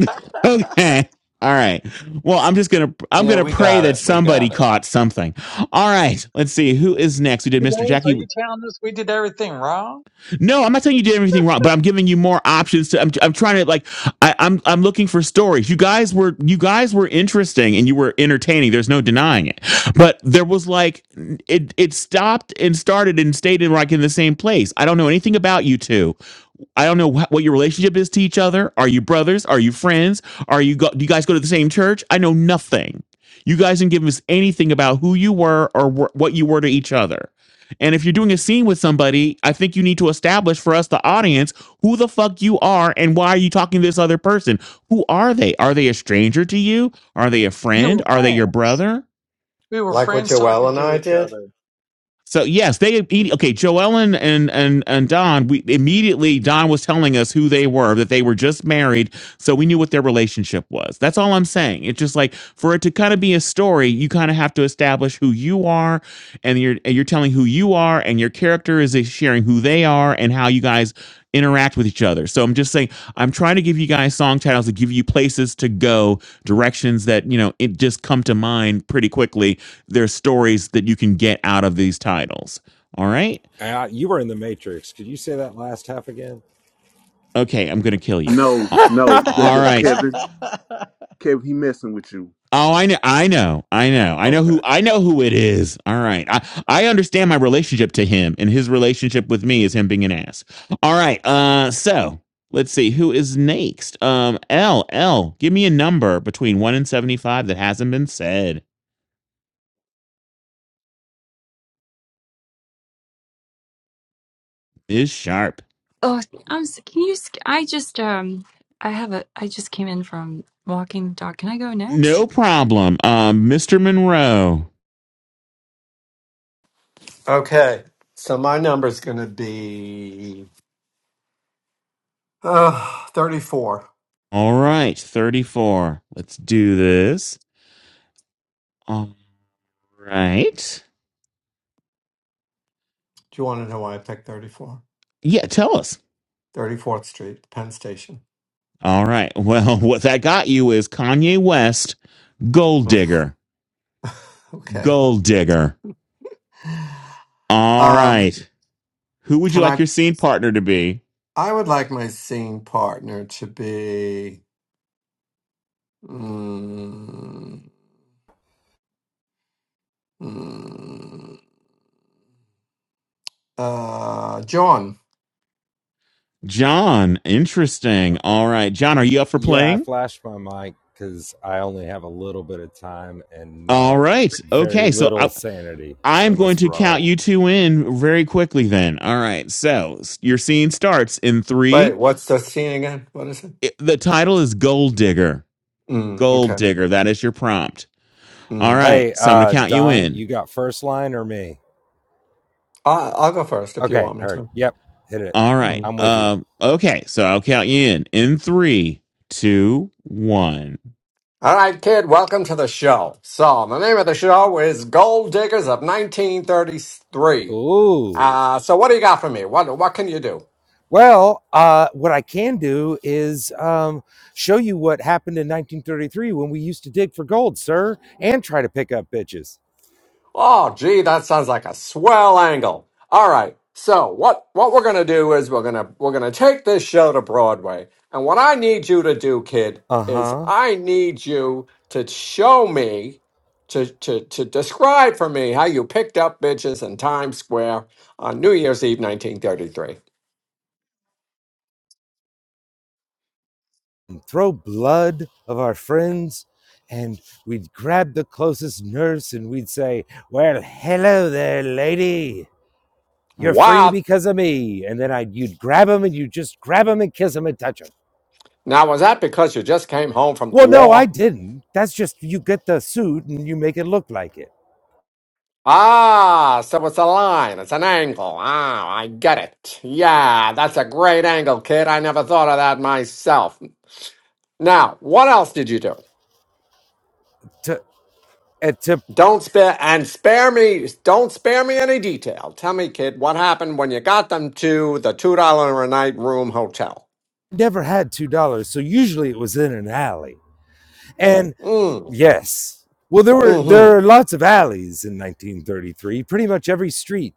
S3: okay. All right. Well, I'm just gonna I'm
S11: Yeah,
S3: gonna
S11: we
S3: pray
S11: got
S3: that
S11: it. We
S3: somebody
S11: got it.
S3: caught something. All right. Let's see who is next. We did Mr.
S6: Rose, are you
S3: Jackie.
S6: telling us we did everything wrong?
S3: No, I'm not saying you did everything wrong, but I'm giving you more options. To I'm I'm trying to like I, I'm I'm looking for stories. You guys were you guys were interesting and you were entertaining. There's no denying it. But there was like it it stopped and started and stayed in like in the same place. I don't know anything about you two I don't know wh- what your relationship is to each other. Are you brothers? Are you friends? Are you go- do you guys go to the same church? I know nothing. You guys didn't give us anything about who you were or wh- what you were to each other. And if you're doing a scene with somebody, I think you need to establish for us, the audience, who the fuck you are and why are you talking to this other person? Who are they? Are they a stranger to you? Are they a
S6: You were
S3: friend? Are they your
S6: friends.
S3: brother?
S6: We were
S11: Like what
S6: friends
S11: Joelle
S6: talking
S11: and
S6: to
S11: I
S6: each
S11: did.
S6: other.
S3: So yes, they okay. Joellen and and and Don. We immediately Don was telling us who they were, that they were just married, so we knew what their relationship was. That's all I'm saying. It's just like for it to kind of be a story, you kind of have to establish who you are, and you're and you're telling who you are, and your character is sharing who they are, and how you guys interact with each other. So I'm just saying, I'm trying to give you guys song titles to give you places to go, directions that, you know, it just come to mind pretty quickly. There's stories that you can get out of these titles. All right.
S12: Uh, you were in the Matrix. Could you say that last half again?
S3: Okay. I'm going to kill you.
S5: No,
S3: A-
S5: no, the,
S3: All
S5: the
S3: right.
S5: Kevin,
S4: All
S5: Kevin, he messing with you.
S3: Oh, I know, I know, I know, I know who,
S5: Okay.
S3: I know who it is. All right, I, I understand my relationship to him, and his relationship with me is him being an ass. All right, uh, so let's see who is next. Um, L L, give me a number between one and seventy-five that hasn't been said. Is sharp.
S8: Oh, I'm. s- Can you? s- I just um. I have a. I just came in from walking the dog. Can I go next?
S3: No problem. Um, Mr. Monroe.
S11: Okay. So my number's going to be uh, 34.
S3: All right, thirty-four. Let's do this. All right.
S11: Do you want to know why I picked 34?
S3: Yeah, tell us.
S11: 34th Street, Penn Station.
S3: All right. Well, what that got you is Kanye West Gold
S11: Ugh.
S3: digger.
S11: okay.
S3: Gold digger. All
S11: Um,
S3: right. Who would you
S11: can
S3: like
S11: I?
S3: your scene partner to be?
S11: I would like my singing partner to be mm, mm, uh, John.
S3: John. Interesting. All right. John, are you up for
S12: Yeah, I
S3: playing?
S12: flashed my mic because I only have a little bit of time and
S3: All
S12: not
S3: right.
S12: very
S3: Okay. So I,
S12: little sanity.
S3: I'm
S12: So
S3: going
S12: let's
S3: to count
S12: roll.
S3: you two in very quickly then. All right. So s- your scene starts in
S11: Wait,
S3: three.
S11: what's the scene again? What is it?
S3: It- the title is Gold Digger.
S11: Mm,
S3: Gold
S11: okay.
S3: Digger. That is your prompt. All
S11: Mm.
S3: right.
S12: Hey,
S3: So I'm going to
S12: uh,
S3: count you
S12: Don,
S3: in.
S12: you got first line or me?
S11: I, I'll go first if you
S12: Okay,
S11: want me
S12: heard.
S11: to.
S12: Yep, hit it.
S3: All right.
S12: I'm with you.
S3: Um, okay. So I'll count you in in three, two, one.
S11: All right, kid, welcome to the show. So, the name of the show is Gold Diggers of 1933.
S12: Ooh.
S11: Uh, so what do you got for me? What, what can you do?
S12: Well, uh, what I can do is um, show you what happened in 1933 when we used to dig for gold, sir, and try to pick up bitches.
S11: Oh, gee, that sounds like a swell angle. All right. So what, what we're going to do is we're going to, we're going to take this show to Broadway. And what I need you to do, kid,
S12: Uh
S11: is
S12: huh.
S11: I need you to show me to, to, to describe for me how you picked up bitches in Times Square on New Year's Eve 1933.
S12: Throw blood of our friends, and we'd grab the closest nurse and we'd say, "Well, hello there, lady. You're free
S11: Wow,
S12: because of me." And then I, would you'd grab them and you just grab them and kiss them and touch them.
S11: Now, was that because you just came home from the
S12: Well, no, I
S11: war?
S12: didn't. That's just you get the suit and you make it look like it.
S11: Ah, so it's a line, it's an angle. Ah, I get it. Yeah, that's a great angle, kid. I never thought of that myself. Now, what else did you do?
S12: To, uh, to
S11: Don't spare and spare me. Don't spare me any detail. Tell me, kid, what happened when you got them to the two dollar a night room hotel?
S12: never had two dollars, so usually it was in an alley. And
S11: Mm.
S12: yes, well, there were there
S11: Mm-hmm.
S12: are lots of alleys in 1933. Pretty much every street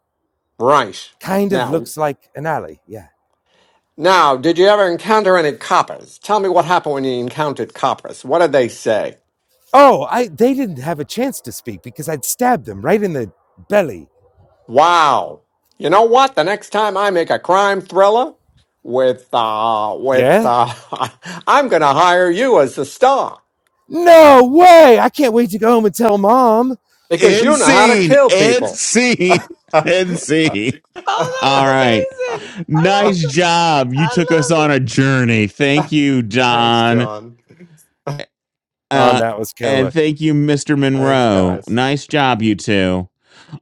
S11: Right.
S12: kind of
S11: Now,
S12: looks like an alley. Yeah.
S11: now, did you ever encounter any coppers? Tell me what happened when you encountered coppers. What did they say?
S12: Oh, I they didn't have a chance to speak because I'd stabbed them right in the belly.
S11: Wow. You know what? The next time I make a crime thriller with uh with
S12: Yeah.
S11: uh I'm going to hire you as the star
S12: No way! I can't wait to go home and tell mom.
S11: because
S3: End
S11: you know how to
S3: scene.
S11: kill
S3: End
S11: people.
S3: scene. End scene.
S4: Oh, that
S3: All right.
S4: was it.
S3: Nice job. You took us on a journey. Thank you,
S11: Thanks,
S3: John.
S11: John.
S12: on.
S3: Uh,
S12: That was
S3: and
S12: killer.
S3: thank you, Mr.
S11: Thanks,
S3: Monroe.
S11: guys.
S3: Nice job, you two.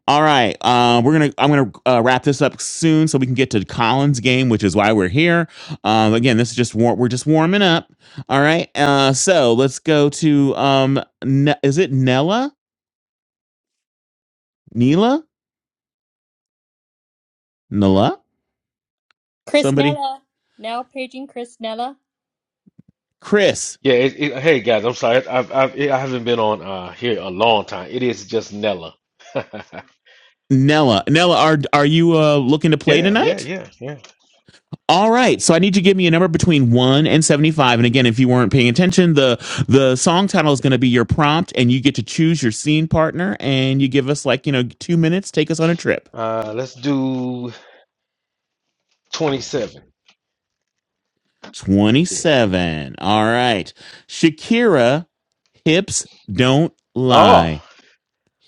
S3: All right. Uh, we're gonna. I'm gonna uh, wrap this up soon so we can get to Collins' game, which is why we're here. Um, again, this is just war- we're just warming up. All right. Uh, so let's go to um. Ne- is it Nella? Nila? Nella? Somebody.
S10: Chrisnella. Now paging Chrisnella.
S3: Chris,
S13: Yeah, it, it, hey guys, I'm sorry. I've, I've I haven't been on uh here a long time. It is just Nella.
S3: Nella, Nella, are are you uh, looking to play
S13: Yeah, yeah,
S3: tonight?
S13: yeah, yeah.
S3: All right, so I need you to give me a number between one and seventy-five. And again, if you weren't paying attention, the the song title is going to be your prompt, and you get to choose your scene partner, and you give us like you know two minutes, take us on a trip.
S13: Uh, let's do 27. Yeah.
S3: Twenty-seven. All right, Shakira, hips don't
S13: Oh,
S3: lie.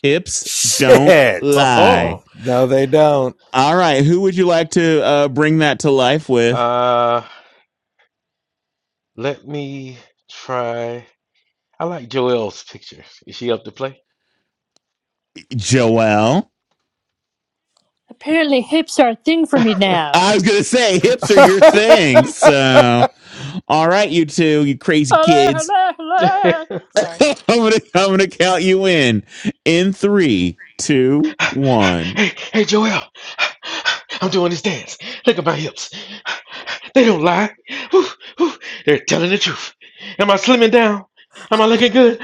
S3: Hips don't
S12: Shit.
S3: lie.
S13: oh.
S12: No, they don't.
S3: All right, who would you like to uh, bring that to life with?
S13: Uh, let me try. I like Joelle's picture. Is she up to play?
S3: Joelle.
S10: Apparently hips are a thing for me now.
S3: I was gonna say hips are your thing. So, all right, you two, you crazy
S10: Hello,
S3: kids.
S10: hello, hello. Sorry.
S3: I'm gonna I'm gonna count you in. In three, two, one.
S13: Hey, hey, Joel, I'm doing this dance. Look at my hips. They don't lie. Whew, whew. They're telling the truth. Am I slimming down? Am I looking good?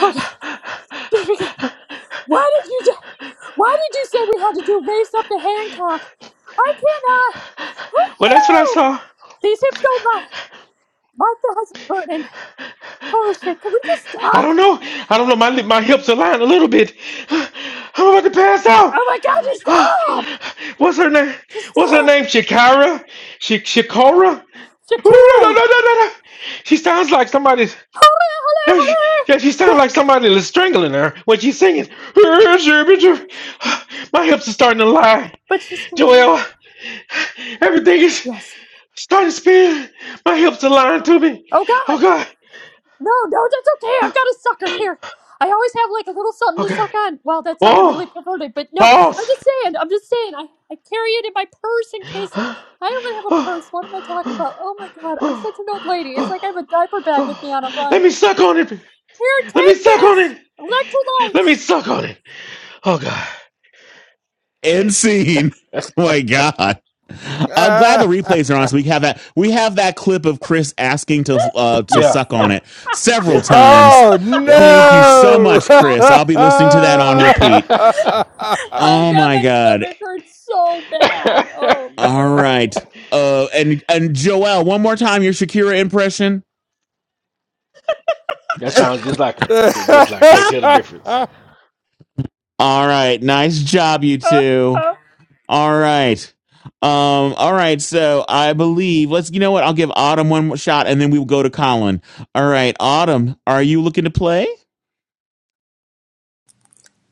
S10: Oh God. Did we get- Why did you do, Why did you say we had to do race up to Hancock? I cannot.
S13: Well, that's what I
S10: Woo!
S13: saw.
S10: These hips don't lie. My thighs are burning. Holy shit! Can we just
S13: I
S10: stop?
S13: don't know. I don't know. My li- my hips are lying a little bit. I'm about to pass out.
S10: Oh my God! Just stop!
S13: What's her name?
S10: Just
S13: What's her
S10: stop,
S13: name? Shakira? Sh- Shakira? No, no, no,
S10: Shakira.
S13: no, no, no. no. She sounds like somebody's.
S10: Holy,
S13: no, she- Yeah, she
S10: holy, holy.
S13: sounds like somebody is strangling her when she's singing.
S10: Yeah,
S13: My hips are starting to lie,
S10: but Shakira.
S13: Joelle. Everything is
S10: Yes.
S13: starting to spin. My hips are lying to me.
S10: Oh God.
S13: Oh God.
S10: No, no, that's okay. I've got a sucker here. I always have like a little something to
S13: Okay.
S10: suck on. Wow, that sounded really
S13: Oh,
S10: perverted, but no, I'm
S13: Pause.
S10: just saying. I'm just saying. I, I carry it in my purse in case
S13: Oh,
S10: I don't even have a
S13: oh,
S10: purse. What am I talking about?
S13: oh,
S10: Oh my god, I'm such
S13: oh,
S10: an old lady. It's like I have a diaper bag with me
S13: oh.
S10: on a
S13: Let
S10: run.
S13: me suck on it.
S10: Here,
S13: Let me
S10: take
S13: suck on
S10: this.
S13: it. Let me
S10: Electrolytes.
S13: suck on it. Oh God.
S3: End scene. Oh my god. I'm glad the replays are on, so we have that. We have that clip of Chris asking to uh, to
S13: Yeah.
S3: suck on
S13: Yeah.
S3: it several
S13: Yeah.
S3: times.
S12: oh
S13: Yeah.
S3: Thank you so
S12: no!
S3: much,
S10: Ah,
S3: Chris. I'll be listening to that on repeat.
S10: oh
S3: Oh
S10: god, my
S3: my god.
S10: stomach hurts so bad. Oh
S3: All right.
S10: no.
S3: Uh, and and Joelle, one more time your Shakira impression.
S13: That sounds just like her. So just like can't
S3: Ah!
S13: tell the difference.
S3: All right, nice job, you
S10: Uh,
S3: two.
S10: uh.
S3: All right. Um, all right, so I believe let's you know what, I'll give Autumn one more shot and then we will go to Colin. All right, Autumn, are you looking to play?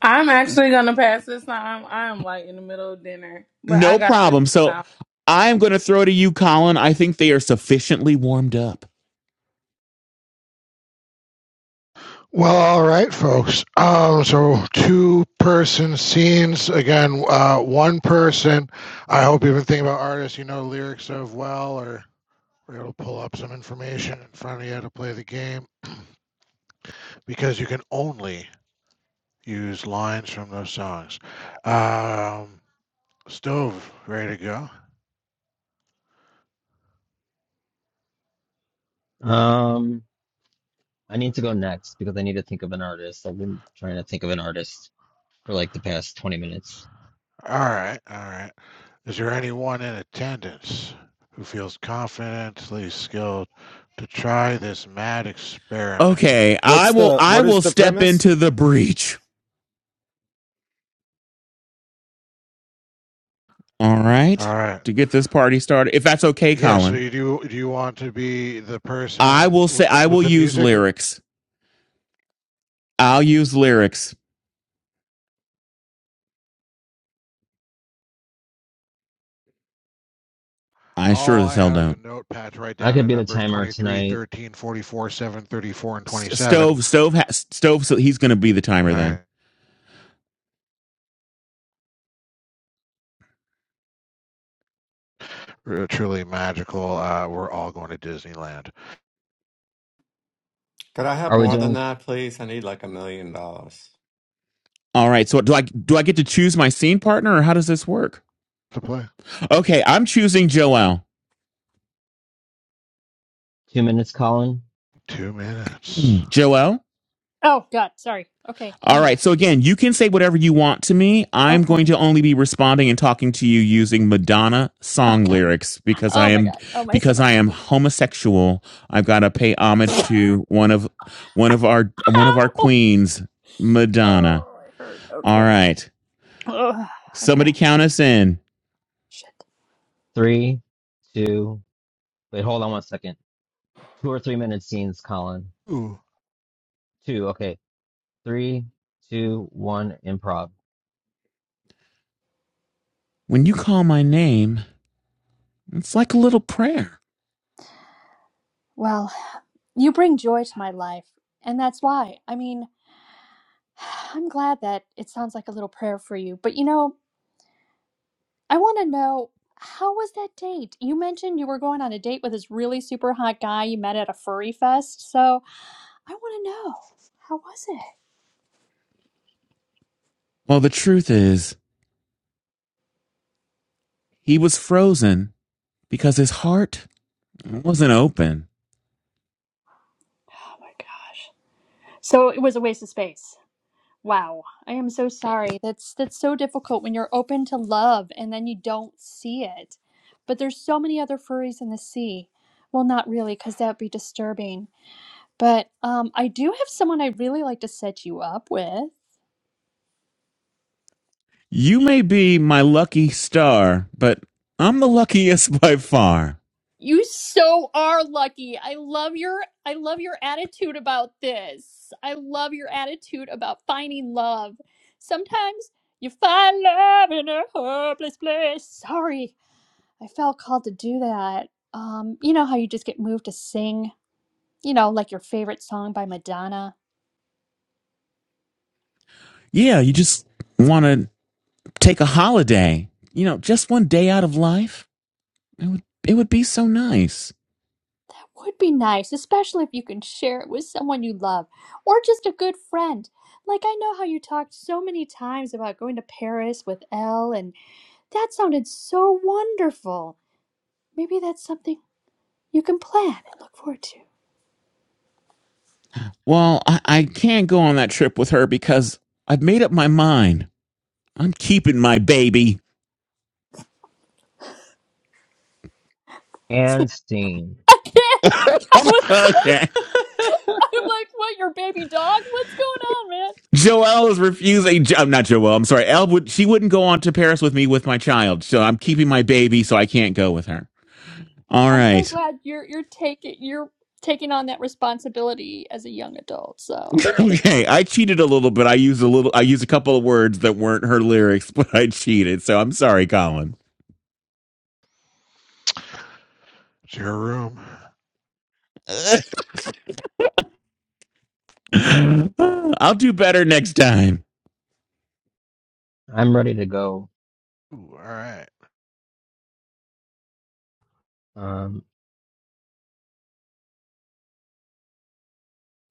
S14: I'm actually gonna pass this time. I am like in the middle of dinner, but I
S3: No
S14: got through
S3: problem.
S14: this
S3: So
S14: time.
S3: I am gonna throw to you, Colin. I think they are sufficiently warmed up.
S2: Well, all right, folks. Um, so two person scenes again. Uh, one person. I hope you've been thinking about artists you know lyrics of well, or we're able to pull up some information in front of you to play the game because you can only use lines from those songs. Um, Stove, ready to go?
S1: Um, I need to go next because I need to think of an artist. I've been trying to think of an artist for like the past 20 minutes.
S2: All right, all right. Is there anyone in attendance who feels confidently skilled to try this mad experiment?
S3: Okay, I
S12: What's
S3: will
S12: the
S3: I
S12: what is
S3: will
S12: the
S3: step
S12: premise?
S3: into the breach. All
S2: All
S3: right.
S2: right.
S3: To get this party started. If that's okay,
S2: Yeah, so
S3: Colin.
S2: you do do you want to be the
S3: I
S2: person
S3: will
S2: w-
S3: say I
S2: with
S3: will
S2: the
S3: use
S2: music?
S3: lyrics. I'll use lyrics. I sure
S2: All
S3: as
S2: I
S3: hell
S2: had was a
S3: don't.
S2: notepad to write
S1: I
S2: down the
S1: could be the
S2: numbers
S1: timer
S2: 23,
S1: tonight.
S2: 13, 44, 7, 34, and 27.
S3: Stove, stove, ha- stove. So he's going to be the timer then.
S2: All right, r- truly magical. Uh, we're all going to Disneyland
S11: Could I have
S1: Are we
S11: more than
S1: doing
S11: that, please? I need like a million dollars.
S3: All right. So do I do I get to choose my scene partner, or how does this work?
S2: to play.
S3: Okay, I'm choosing Joelle.
S1: two minutes, Colin?
S2: Two minutes.
S3: Joelle.
S10: Oh god, sorry. Okay, I'm
S3: All
S10: here.
S3: right. So again, you can say whatever you want to me. I'm going
S10: Okay.
S3: to only be responding and talking to you using Madonna
S10: Oh
S3: song
S10: god.
S3: lyrics because I
S10: Oh my
S3: am
S10: god. Oh my
S3: because
S10: stomach.
S3: I am homosexual. I've got to pay homage to one of one of our one of our
S10: Ow!
S3: queens, Madonna.
S10: Oh, I hurt.
S3: All
S10: Okay.
S3: right.
S10: Ugh. Okay.
S3: Somebody count us in.
S10: Shit.
S1: Three, two, wait, hold on one second. Two or three minute scenes, Colin.
S2: Ooh.
S1: Two, okay. Three, two, one, improv.
S3: When you call my name, it's like a little prayer.
S10: Well, you bring joy to my life, and that's why. I mean, I'm glad that it sounds like a little prayer for you, but you know, I want to know how was that date? You mentioned you were going on a date with this really super hot guy you met at a furry fest, so I want to know. How was it?
S3: Well, the truth is, he was frozen because his heart wasn't open.
S10: Oh my god. So it was a waste of space. Wow, I am so sorry. That's that's so difficult when you're open to love and then you don't see it. But there's so many other furries in the sea. Well, not really, because that'd be disturbing. But um, I do have someone I'd really like to set you up with.
S3: You may be my lucky star, but I'm the luckiest by far.
S10: You so are lucky. I love your I love your attitude about this. I love your attitude about finding love. Sometimes you find love in a hopeless place. Sorry. I felt called to do that. Um, you know how you just get moved to sing, you know, like your favorite song by Madonna?
S3: Yeah, you just want to take a holiday. You know, just one day out of life. It would it would be so nice.
S10: That would be nice, especially if you can share it with someone you love or just a good friend. Like, I know how you talked so many times about going to Paris with Elle, and that sounded so wonderful. Maybe that's something you can plan and look forward to.
S3: Well, I, I can't go on that trip with her because I've made up my mind. I'm keeping my baby.
S1: And scene.
S10: I can't! I was like,
S3: Okay.
S10: I'm like, what, your baby dog? What's going on, man?
S3: Joelle is refusing. I'm not Joelle. I'm sorry. Elle would. She wouldn't go on to Paris with me with my child. So I'm keeping my baby, so I can't go with her. All
S10: I'm so
S3: right.
S10: glad you're you're taking you're taking on that responsibility as a young adult. So thank
S3: Okay. I cheated a little bit. I used a little. I used a couple of words that weren't her lyrics, but I cheated. So I'm sorry, Colin.
S2: It's your room.
S3: I'll do better next time.
S1: I'm ready to go.
S2: Ooh, all right.
S1: Um,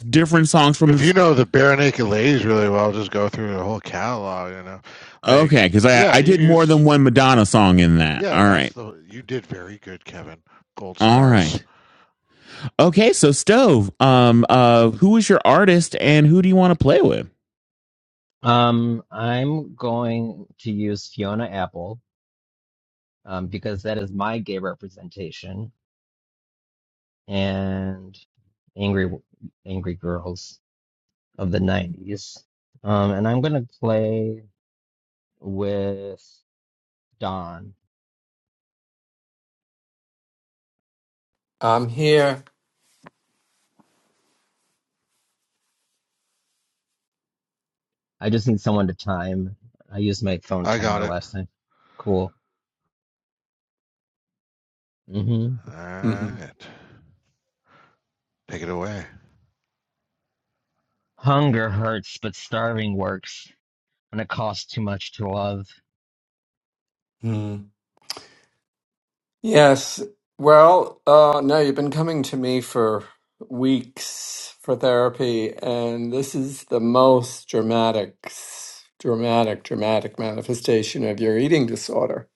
S3: Different songs from
S2: If you
S3: this.
S2: know the Bare Naked Ladies really well, just go through the whole catalog, you know. Like,
S3: Okay, because I
S2: yeah,
S3: I
S2: you
S3: did
S2: can
S3: more
S2: use
S3: than one Madonna song in that.
S2: Yeah,
S3: All
S2: that's
S3: right.
S2: the you did very good, Kevin. Gold
S3: All
S2: stars.
S3: right. Okay. So stove. Um. Uh. Who is your artist, and who do you want to play with?
S1: um, I'm going to use Fiona Apple. um, because that is my gay representation and angry angry girls of the 90s um, and i'm going to play with don
S11: I'm here.
S1: i just need someone to time i used my phone
S2: I got
S1: timer
S2: it.
S1: last time cool hmm
S2: All
S11: hmm
S2: right. Take it away.
S1: hunger hurts but starving works and it costs too much to love
S11: Yes. Well, uh, no, you've been coming to me for weeks for therapy, and this is the most dramatic, s- dramatic, dramatic manifestation of your eating disorder.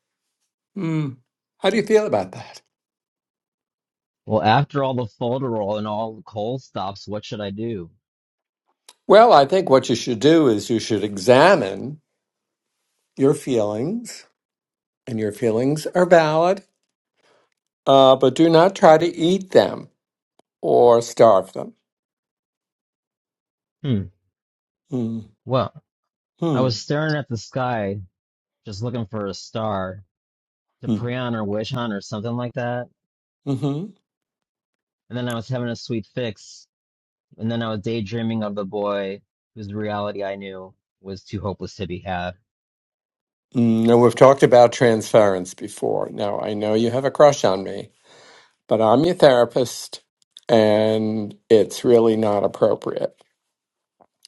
S11: Hmm. How do you feel about that?
S1: well after all the folderol and all the coal stops what should i do
S11: Well, I think what you should do is you should examine your feelings, and your feelings are valid, uh, but do not try to eat them or starve them.
S1: hmm
S11: Hmm.
S1: well i was
S11: Hmm.
S1: staring at the sky just looking for a star on, or Wish on, or something like that.
S11: Hmm.
S1: And then I was having a sweet fix. And then I was daydreaming of the boy whose reality I knew was too hopeless to be had.
S11: No, we've talked about transference before. Now, I know you have a crush on me, but I'm your therapist, and it's really not appropriate.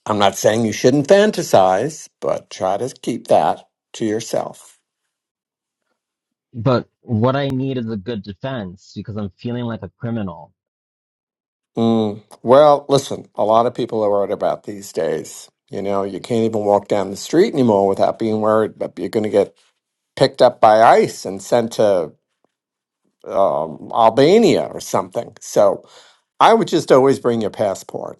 S11: I'm not saying you shouldn't fantasize, but try to keep that to yourself.
S1: But what I need is a good defense because I'm feeling like a criminal.
S11: Mm. Well, listen, a lot of people are worried about these days. You know, you can't even walk down the street anymore without being worried that you're going to get picked up by ICE and sent to um, Albania or something. So I would just always bring your passport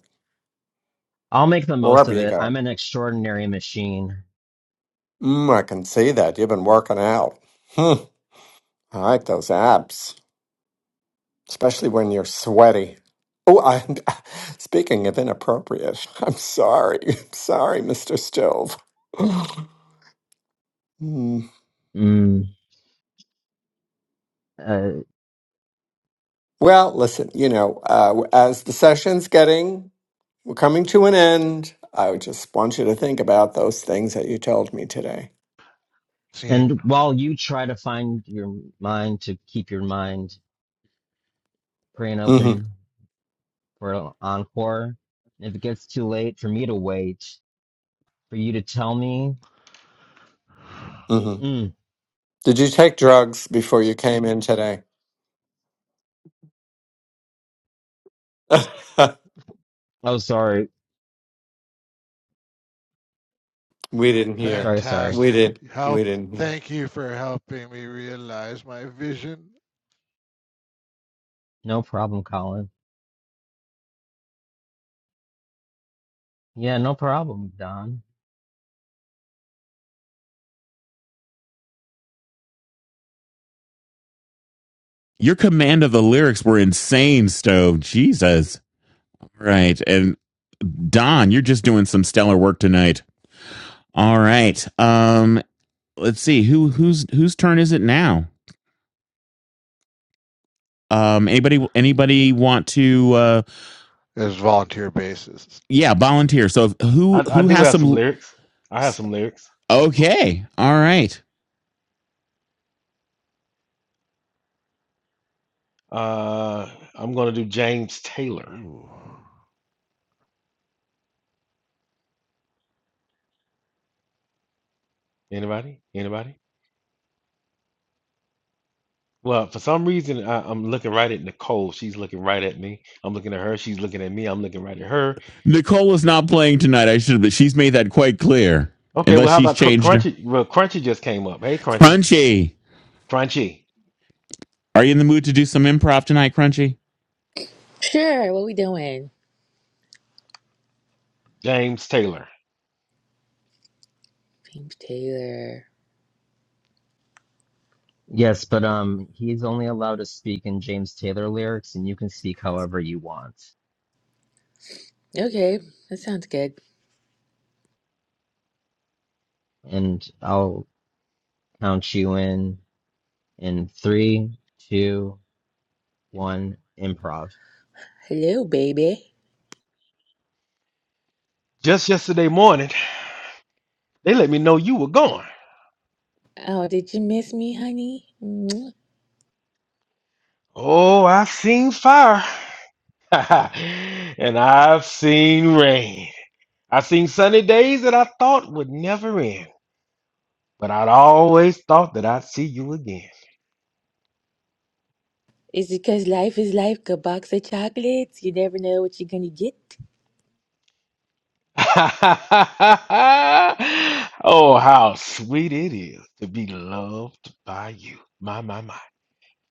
S1: I'll make the most
S11: Wherever
S1: of
S11: you
S1: it. I'm
S11: go.
S1: an extraordinary machine.
S11: Mm, I can see that. You've been working out. Hmm. I like those abs, especially when you're sweaty. Oh, I, speaking of inappropriate, I'm sorry. I'm sorry, Mr. Stove. Hmm.
S1: Mm. Uh,
S11: well, listen, you know, uh, as the session's getting, we're coming to an end. I just want you to think about those things that you told me today.
S2: Scene.
S1: and while you try to find your mind to keep your mind praying
S11: hmm
S1: open for an encore, if it gets too late for me to wait, for you to tell me.
S11: hmm
S1: mm,
S11: Did you take drugs before you came in today?
S1: Oh, sorry.
S11: We didn't hear.
S1: Sorry, sorry.
S11: We
S2: Fantastic.
S11: didn't.
S2: Help.
S11: We didn't hear.
S2: Thank you for helping me realize my vision.
S1: No problem, Colin. Yeah, no problem, Don.
S3: Your command of the lyrics were insane, Stove. Jesus. Right. And Don, you're just doing some stellar work tonight. All right. Um, let's see. Who whose whose turn is it now? Um, anybody anybody want to uh
S2: It's volunteer basis.
S3: yeah, volunteer. So if- who
S13: I, I
S3: who
S13: do
S3: has
S13: have some
S3: some
S13: lyrics. I have some lyrics.
S3: Okay. All right.
S13: Uh, I'm gonna do James Taylor.
S2: Ooh.
S13: Anybody? Anybody? Well, for some reason, I, I'm looking right at Nicole. She's looking right at me. I'm looking at her. She's looking at me. I'm looking right at her.
S3: Nicole is not playing tonight. I should but she's made that quite clear.
S13: Okay.
S3: Unless
S13: Well, how
S3: she's
S13: about Cr-
S3: changed her.
S13: Crunchy? Well, Crunchy just came up. Hey, Crunchy.
S3: Crunchy.
S13: Crunchy.
S3: Are you in the mood to do some improv tonight, Crunchy?
S15: Sure, what we doing?
S13: James Taylor.
S15: Pink Taylor.
S1: Yes, but um he's only allowed to speak in James Taylor lyrics and you can speak however you want.
S15: Okay, that sounds good.
S1: And I'll count you in in three, two, one, improv.
S15: Hello, baby.
S13: Just yesterday morning, they let me know you were gone.
S15: Oh, did you miss me, honey? Mwah.
S13: Oh, I seen fire. and I've seen rain. I've seen sunny days that I thought would never end, but I'd always thought that I'd see you again.
S15: Is it 'cause life is like a box of chocolates? You never know what you're gonna get.
S13: oh, how sweet it is to be loved by you. My, my, my.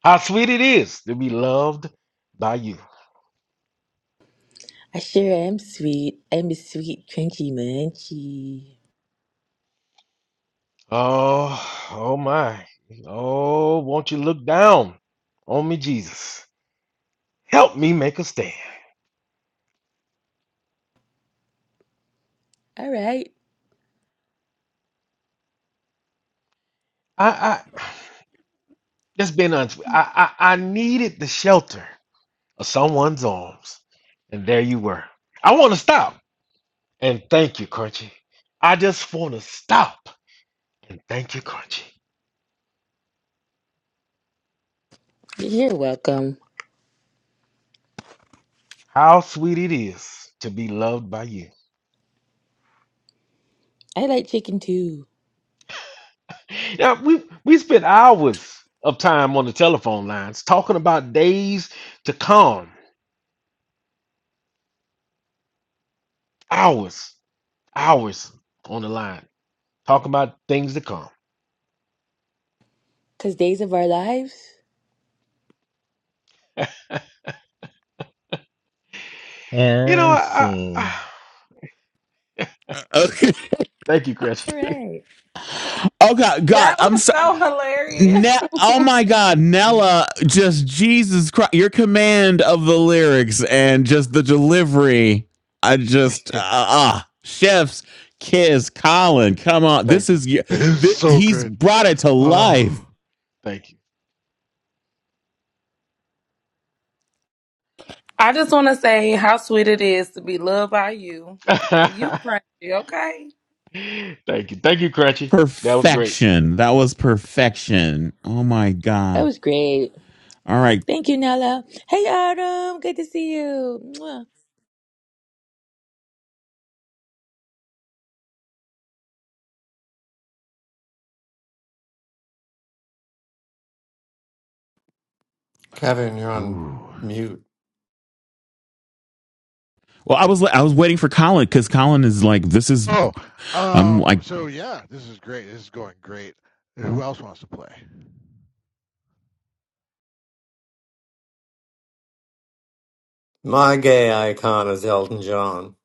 S13: How sweet it is to be loved by you.
S15: I sure am sweet. I'm a sweet, crunchy munchie.
S13: Oh, oh, my. Oh, won't you look down on me, Jesus? Help me make a stand.
S15: All right,
S13: I, I, Just being honest, with you, I, I I needed the shelter of someone's arms, and there you were. I want to stop and thank you, Crunchy. I just want to stop and thank you, Crunchy.
S15: you're welcome.
S13: How sweet it is to be loved by you.
S15: I like chicken too.
S13: Yeah, we we spent hours of time on the telephone lines talking about days to come, hours, hours on the line talking about things to come.
S15: 'Cause days of our lives.
S13: You know,
S1: And
S13: I, I, I
S1: scene.
S3: Okay.
S13: thank you, Crunchy.
S15: All right,
S3: Oh God, God,
S14: That
S3: I'm
S14: was so hilarious.
S3: Ne- oh my God, Nella! Just Jesus Christ, your command of the lyrics and just the delivery. I just uh, ah, chef's kiss, Colin. Come on, this
S13: thank you,
S3: is y-
S13: thank you.
S2: It's
S3: th-
S2: so
S3: he's
S2: good.
S3: brought it to
S2: Oh.
S3: life.
S13: Thank you.
S14: I just want to say how sweet it is to be loved by you. You crazy, okay?
S13: Thank you. Thank you, Crunchy. That was great.
S3: Perfection. That was perfection. Oh my
S15: that
S3: God.
S15: was great.
S3: All right.
S15: Thank you, Nella. Hey, Autumn. Good to see you. Mwah.
S11: Kevin, you're on
S2: Ooh.
S11: mute.
S3: Well, I was I was waiting for Colin because Colin is like, this is
S2: Oh.
S3: I'm
S2: Um,
S3: like,
S2: so yeah, this is great. This is going great. Who else wants to play?
S11: My gay icon is Elton John.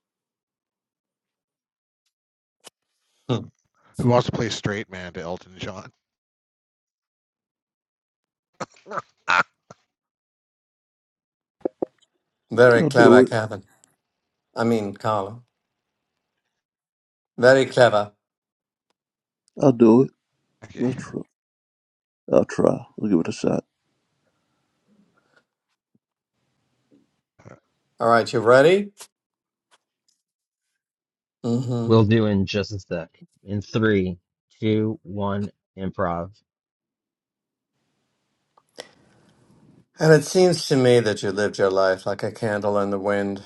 S11: Hmm.
S2: Who wants to play straight man to Elton John?
S11: Very
S5: I'll
S11: clever,
S5: do it.
S11: Kevin. I mean, Carla. Very clever.
S5: I'll do it.
S2: okay.
S5: I'll try. I'll try. I'll give it a shot.
S2: Uh,
S11: All right, you ready? Mm-hmm.
S1: We'll do in just a sec. In three, two, one, improv.
S11: And it seems to me that you lived your life like a candle in the wind,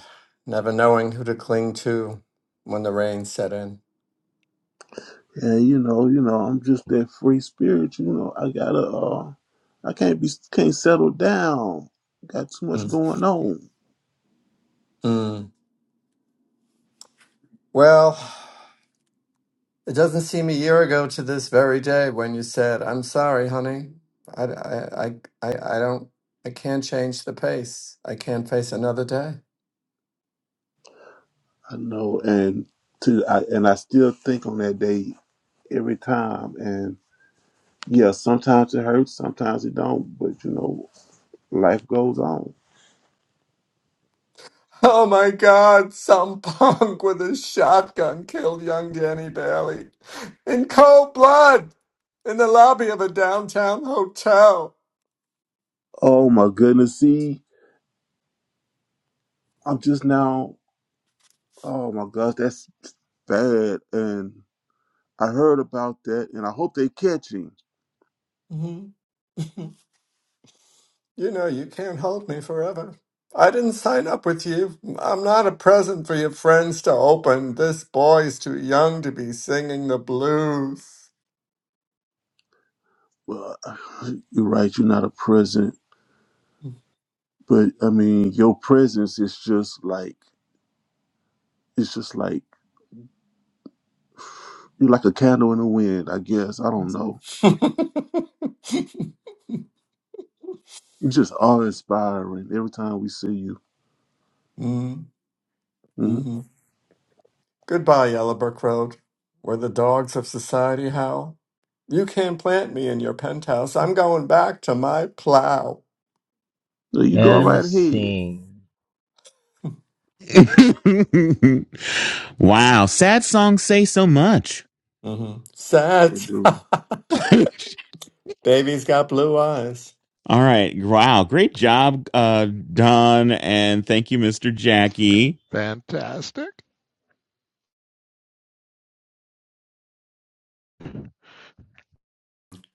S11: never knowing who to cling to when the rain set in.
S5: And you know, you know, I'm just that free spirit. You know, I gotta. Uh, I can't be. Can't settle down. Got too much
S11: Mm.
S5: going on.
S11: Mm. Well. It doesn't seem a year ago to this very day when you said, "I'm sorry, honey. I, I, I, I, I don't. I can't change the pace. I can't face another day."
S5: I know. And to. I and I still think on that day every time. And. Yeah, sometimes it hurts, sometimes it don't, but you know, life goes on.
S11: Oh my God! Some punk with a shotgun killed young Danny Bailey in cold blood in the lobby of a downtown hotel.
S5: Oh my goodness, see, I'm just now, oh my gosh, that's bad. And I heard about that, and I hope they catch him.
S11: Mhm. You know, you can't hold me forever. I didn't sign up with you. I'm not a present for your friends to open. This boy's too young to be singing the blues.
S5: Well, you're right, you're not a present, but I mean, your presence is just like, it's just like, you're like a candle in the wind, I guess. I don't know.
S11: mm-hmm.
S5: You're just awe inspiring every time we see you. hmm
S11: Goodbye, Yellowbrook Road, where the dogs of society howl. You can't plant me in your penthouse. I'm going back to my plow.
S5: So you go
S1: And
S5: right ahead.
S1: scene.
S3: wow. Sad songs say so much.
S11: hmm Sad.
S5: They do.
S11: Baby's got blue eyes.
S3: All right. Wow. Great job, uh, Don. And thank you, Mr. Jackie.
S2: Fantastic.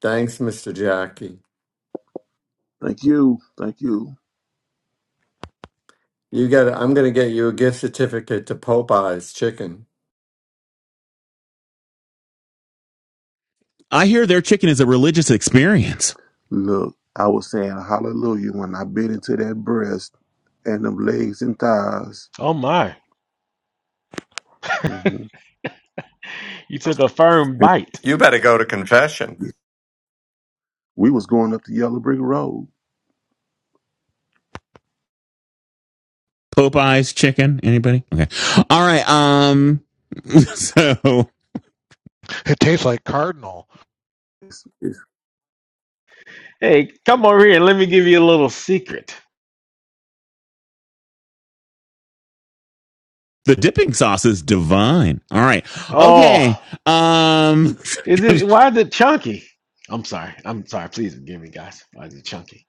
S11: Thanks, Mr. Jackie.
S5: Thank you. Thank you.
S11: You got. I'm going to get you a gift certificate to Popeye's Chicken.
S3: I hear their chicken is a religious experience.
S5: Look, I was saying hallelujah when I bit into that breast and them legs and thighs.
S13: Oh my.
S5: hmm
S13: You took a firm
S5: And
S13: bite.
S11: You better go to confession.
S5: we was going up the yellow brick road.
S3: Popeye's chicken. Anybody? Okay. All right. Um, so
S2: It tastes like Cardinal.
S5: It's- it's-
S13: Hey, come over here and let me give you a little secret.
S3: the dipping sauce is divine. All right. Okay.
S13: Oh,
S3: Um,
S13: is it why is it chunky? I'm sorry. I'm sorry. Please forgive me, guys. Why is it chunky?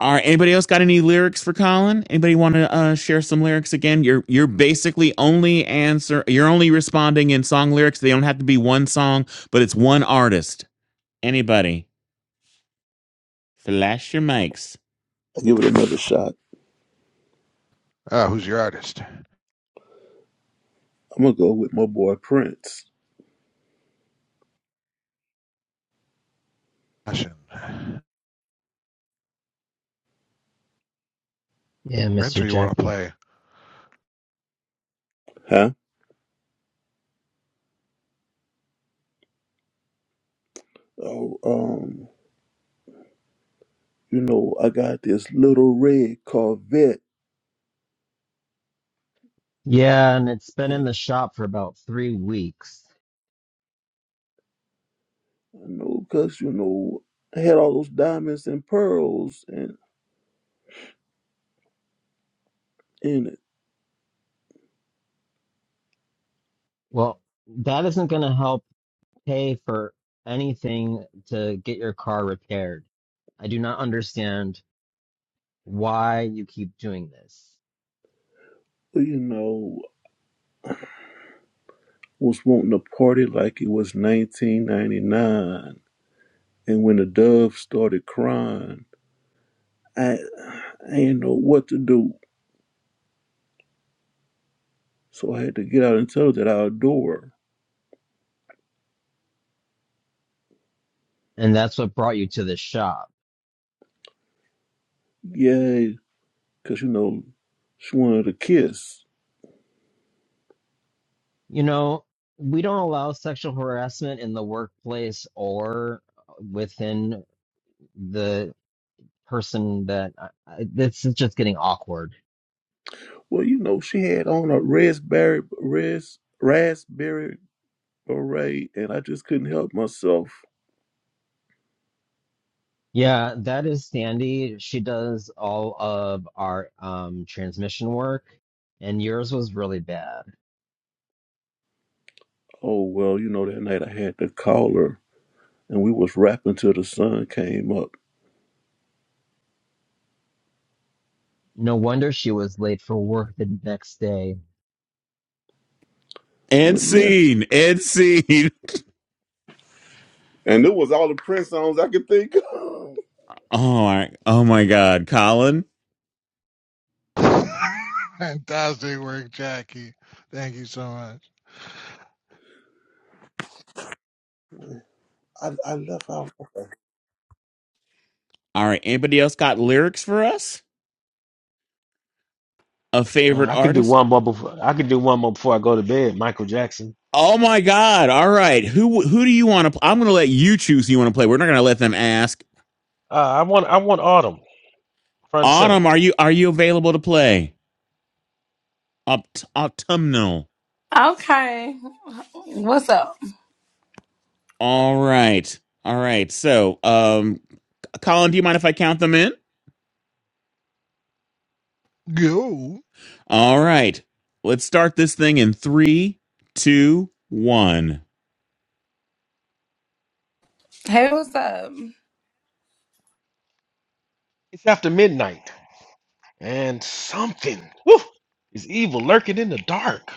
S3: all right. Anybody else got any lyrics for Colin? Anybody want to uh, share some lyrics again? You're, you're basically only answer. You're only responding in song lyrics. They don't have to be one song, but it's one artist. Anybody? Flash your mics.
S5: I'll give it another shot.
S2: Uh, who's your artist?
S5: I'm gonna go with my boy Prince.
S2: Question.
S1: Yeah,
S2: Prince, or
S1: Mr.
S2: you want to
S1: Jerky.
S2: play?
S5: Huh? Oh, um, you know, I got this little red Corvette
S1: Yeah, and it's been in
S5: that
S1: the shop for about three weeks.
S5: I know because you know I had all those diamonds and pearls and in it.
S1: Well, that isn't going to help pay for anything to get your car repaired. I do not understand why you keep doing this.
S5: You know, was wanting to party like it was 1999. And when the dove started crying, I, I didn't know what to do. So I had to get out and tell her that I adore her.
S1: And that's what brought you to this shop.
S5: Yeah, because, you know, she wanted a kiss.
S1: You know, we don't allow sexual harassment in the workplace or within the person that I, I, this is just getting awkward.
S5: Well, you know, she had on a raspberry, ras, raspberry beret, and I just couldn't help myself.
S1: Yeah, that is Sandy. She does all of our um transmission work, and yours was really bad.
S5: Oh, well, you know, that night I had to call her, and we was rapping till the sun came up.
S1: No wonder she was late for work the next day.
S5: Well,
S3: Ed
S5: yeah.
S3: scene. Ed scene.
S5: And it was all the Prince songs I could think of.
S3: Oh my, oh my God, Colin.
S2: Fantastic work, Jackie. Thank you so much.
S5: I, I left out.
S3: All right. Anybody else got lyrics for us? A
S13: Uh,
S3: favorite
S13: I can do
S3: artist?
S13: one more before I can do one more before I go to bed. Michael Jackson.
S3: Oh my God. All right. Who who do you want to? play? I'm going to let you choose. Who you want to play? We're not going to let them ask.
S13: Uh, I want I want autumn front and center.
S3: Autumn, are you are you available to play? Aupt- autumnal.
S14: Okay. What's up?
S3: All right. All right. So, um, Colin, do you mind if I count them in?
S2: Go.
S3: All right. Let's start this thing in three, two, one.
S14: Hey, what's up?
S13: It's after midnight and something woof, is evil lurking in the dark.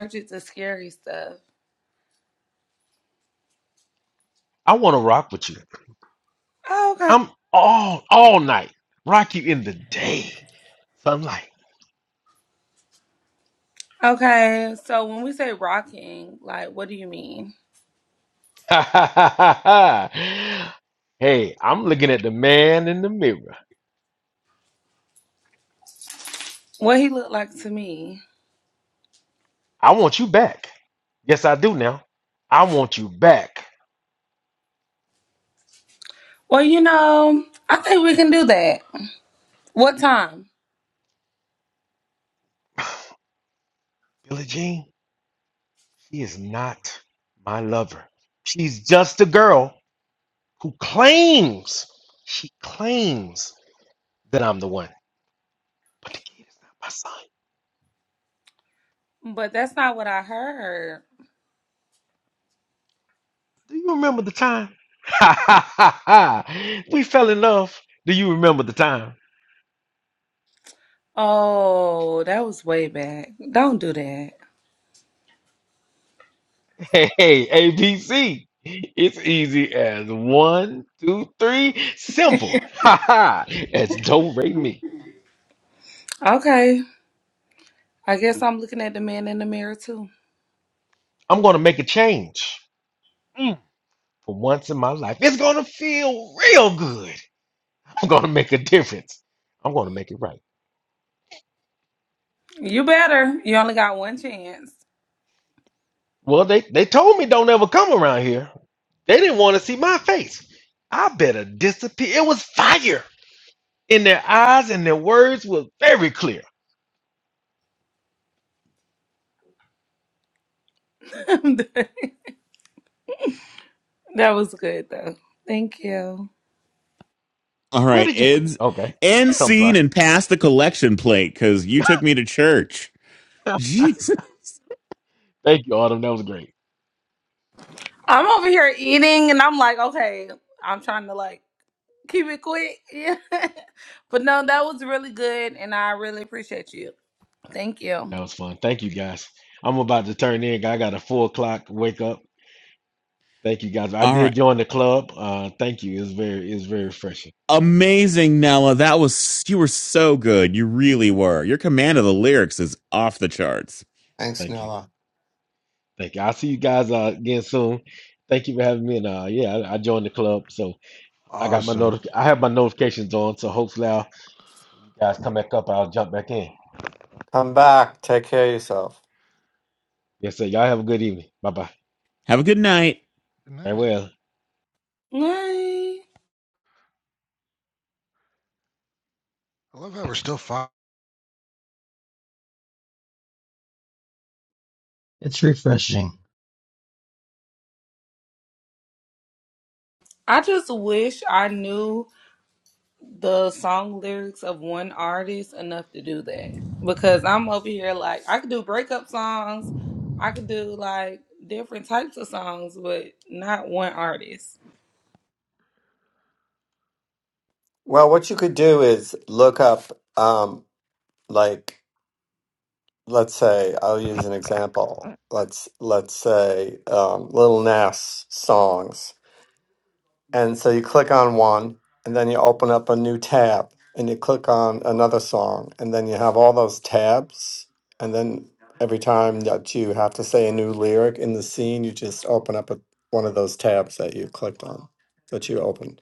S14: Allergic to scary stuff.
S13: I want to rock with you.
S14: Oh, Okay.
S13: I'm all all night. Rock you in the day. So I'm like,
S14: Okay. So when we say rocking, like, what do you mean?
S13: hey, I'm looking at the man in the mirror.
S14: What he looked like to me?
S13: I want you back. Yes, I do now. I want you back.
S14: Well, you know, I think we can do that. What time?
S13: Billie Jean, she is not my lover. She's just a girl who claims, she claims that I'm the one. But the kid is not my son.
S14: But that's not what I heard.
S13: Do you remember the time? we fell in love. Do you remember the time?
S14: Oh, that was way back. Don't do that.
S13: Hey, ABC. It's easy as one, two, three. Simple. Ha ha. As do re me.
S14: Okay. I guess I'm looking at the man in the mirror too.
S13: I'm gonna make a change. Mm, For once in my life, it's gonna feel real good. I'm gonna make a difference. I'm gonna make it right.
S14: You better. You only got one chance.
S13: Well, they they told me don't ever come around here. They didn't want to see my face. I better disappear. It was fire in their eyes, and their words were very clear.
S14: that was good though. Thank you.
S3: All
S13: Where
S3: right,
S13: did you?
S3: end
S13: Okay,
S3: end
S13: I'm sorry.
S3: scene and pass the collection plate because you took me to church. Jeez.
S13: Thank you, Autumn. That was great.
S14: I'm over here eating and I'm like, okay, I'm trying to like keep it quick. Yeah. but no, that was really good and I really appreciate you. Thank you.
S13: That was fun. Thank you guys. I'm about to turn in. I got a four o'clock wake up. Thank you guys. I
S3: All
S13: did
S3: right,
S13: join the club. Uh, thank you. It's very it's very refreshing.
S3: amazing, Nella. That was you were so good. You really were. Your command of the lyrics is off the charts.
S11: Thanks,
S13: Thank you.
S11: Nella.
S13: Thank you. I'll see you guys uh, again soon. Thank you for having me. And uh, yeah, I, I joined the club, so I got my
S2: Awesome.
S13: notif- I have my notifications on. So hopefully, I'll, you guys come back up. I'll jump back in.
S11: Come back. Take care of yourself.
S13: Yes, sir. Y'all have a good evening. Bye bye.
S3: Have a good night.
S2: Good night.
S13: Farewell.
S14: Yay.
S2: I love how we're still fine.
S1: It's refreshing.
S14: I just wish I knew the song lyrics of one artist enough to do that because I'm over here like I could do breakup songs, I could do like different types of songs, but not one artist.
S11: Well, what you could do is look up, um, like, let's say, I'll use an example. Let's let's say, um, Little Nas songs. And so you click on one, and then you open up a new tab, and you click on another song, and then you have all those tabs. And then every time that you have to say a new lyric in the scene, you just open up a, one of those tabs that you clicked on, that you opened.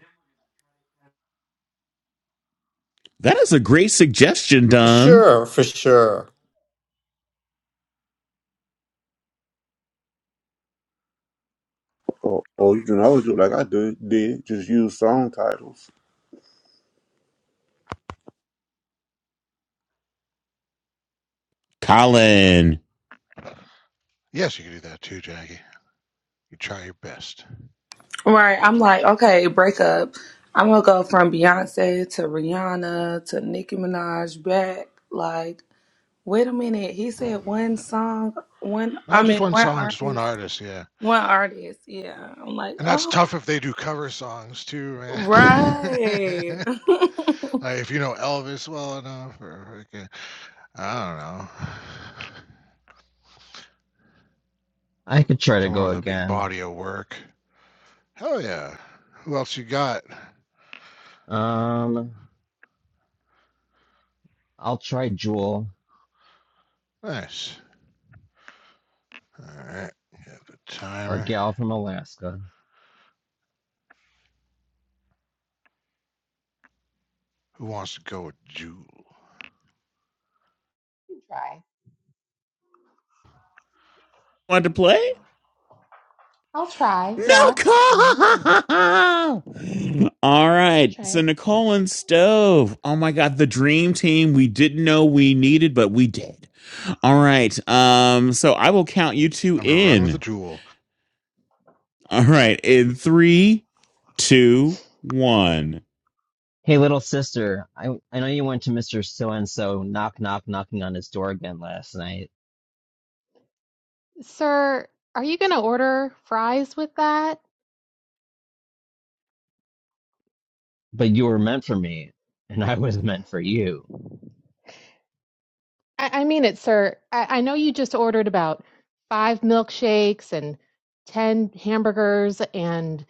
S3: That is a great suggestion, Don.
S11: Sure, for sure.
S5: Or, or you can always do like I did, did just use song titles.
S3: Colin,
S2: Yes, you can do that too, Jackie. You try your best.
S14: Right? I'm
S2: That's one.
S14: like, okay, breakup. I'm gonna go from Beyonce to Rihanna to Nicki Minaj back. Like, wait a minute, he said one song, one. I
S2: Not just
S14: mean,
S2: one
S14: one
S2: song, just one
S14: artist,
S2: artist. Yeah.
S14: one artist. Yeah, I'm like,
S2: And that's
S14: oh,
S2: tough if they do cover songs too, man.
S14: right.
S2: like if you know Elvis well enough, or freaking, I don't know.
S1: I could try to
S2: Someone
S1: go
S2: with a big
S1: again.
S2: body of work. Hell yeah. Who else you got?
S1: Um, I'll try Jewel,
S2: Nice. All right. You Have the
S1: our
S2: timer.
S1: gal from Alaska.
S2: Who wants to go with Jewel?
S7: You can try.
S3: want to play?
S7: I'll try.
S3: No,
S7: Yeah,
S2: All right.
S3: Cole. All
S7: I'll
S3: right,
S7: try
S3: so
S7: it.
S3: Nicole and Stove. Oh my God, the dream team we didn't know we needed, but we did. All right. Um, so I will count you two
S2: I'm gonna run with the
S3: in.
S2: Jewel.
S3: All right. In three, two, one.
S1: Hey, little sister, I I know you went to Mr. So and so knock knock knocking on his door again last night.
S7: Sir, are you going to order fries with that?
S1: But you were meant for me, and I was meant for you.
S7: I, I mean it, sir. I, I know you just ordered about five milkshakes and 10 hamburgers and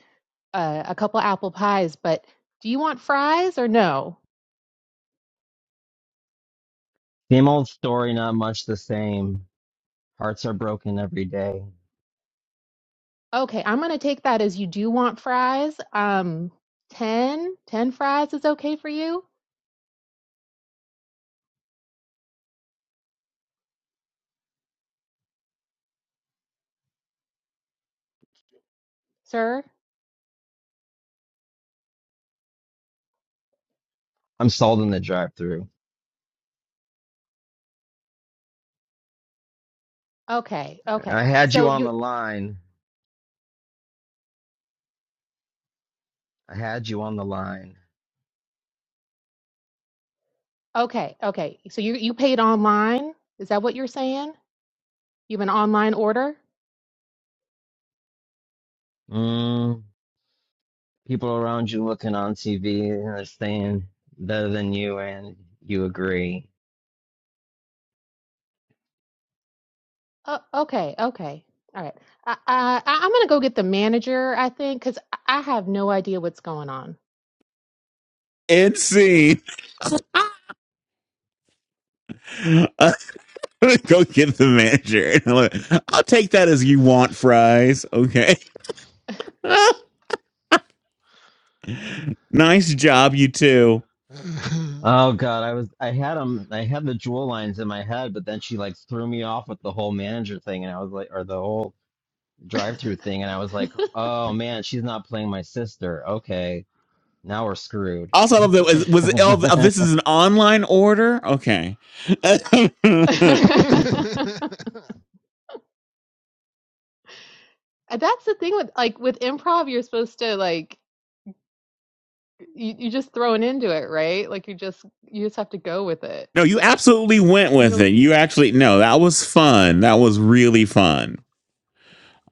S7: uh, a couple apple pies, but do you want fries or no?
S1: Same old story, not much the same. Hearts are broken every day.
S7: Okay, I'm going to take that as you do want fries. Um, 10, 10 fries is okay for you, sir?
S1: I'm sold in the drive through.
S7: Okay, okay.
S1: I had you
S7: So
S1: on
S7: you're
S1: the line. I had you on the line.
S7: Okay, okay. So you you paid online? Is that what you're saying? You have an online order?
S1: Mm, people around you looking on TV and they're saying better than you, and you agree.
S7: Oh, okay, okay. All right. I, I I- I'm gonna go get the manager, I think, because I have no idea what's going on.
S3: And scene. I'm gonna go get the manager. i I'll take that as you want fries. Okay. nice job, you two.
S1: Oh God, I was I had them I had the jewel lines in my head, but then she like threw me off with the whole manager thing and I was like or the whole drive-through thing and I was like, "Oh man, she's not playing my sister. Okay, now we're screwed."
S3: Also, I love that was, was it, oh, oh, this is an online order. Okay. no,
S7: That's the thing with like with improv, you're supposed to like you you just thrown into it, right? Like you just you just have to go with it.
S3: you absolutely went
S7: You
S3: with it.
S7: don't.
S3: You actually no, that was fun. That was really fun.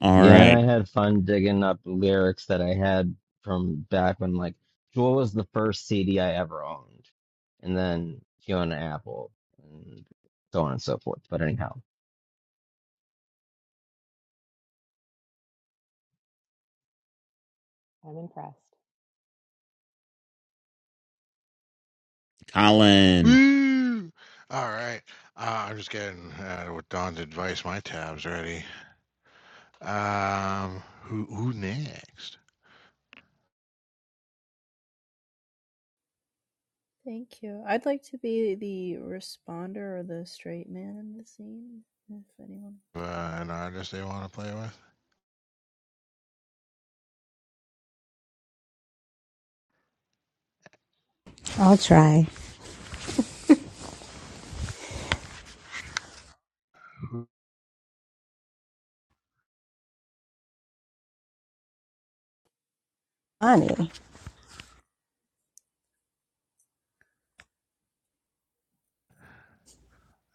S3: All
S7: All
S1: Yeah, and
S7: right.
S3: right.
S1: I had fun digging up lyrics that I had from back when like Jewel was the first CD I ever owned. And then Fiona Apple and so on and so forth. But anyhow.
S7: I'm impressed.
S3: Colin.
S2: Woo! All right. Uh, I'm just getting uh, with Don's advice. My tab's ready. Um, who who next?
S16: Thank you. I'd like to be the responder or the straight man in the scene if anyone wants to go.
S2: Uh, an artist they want to play with?
S9: I'll try, Ani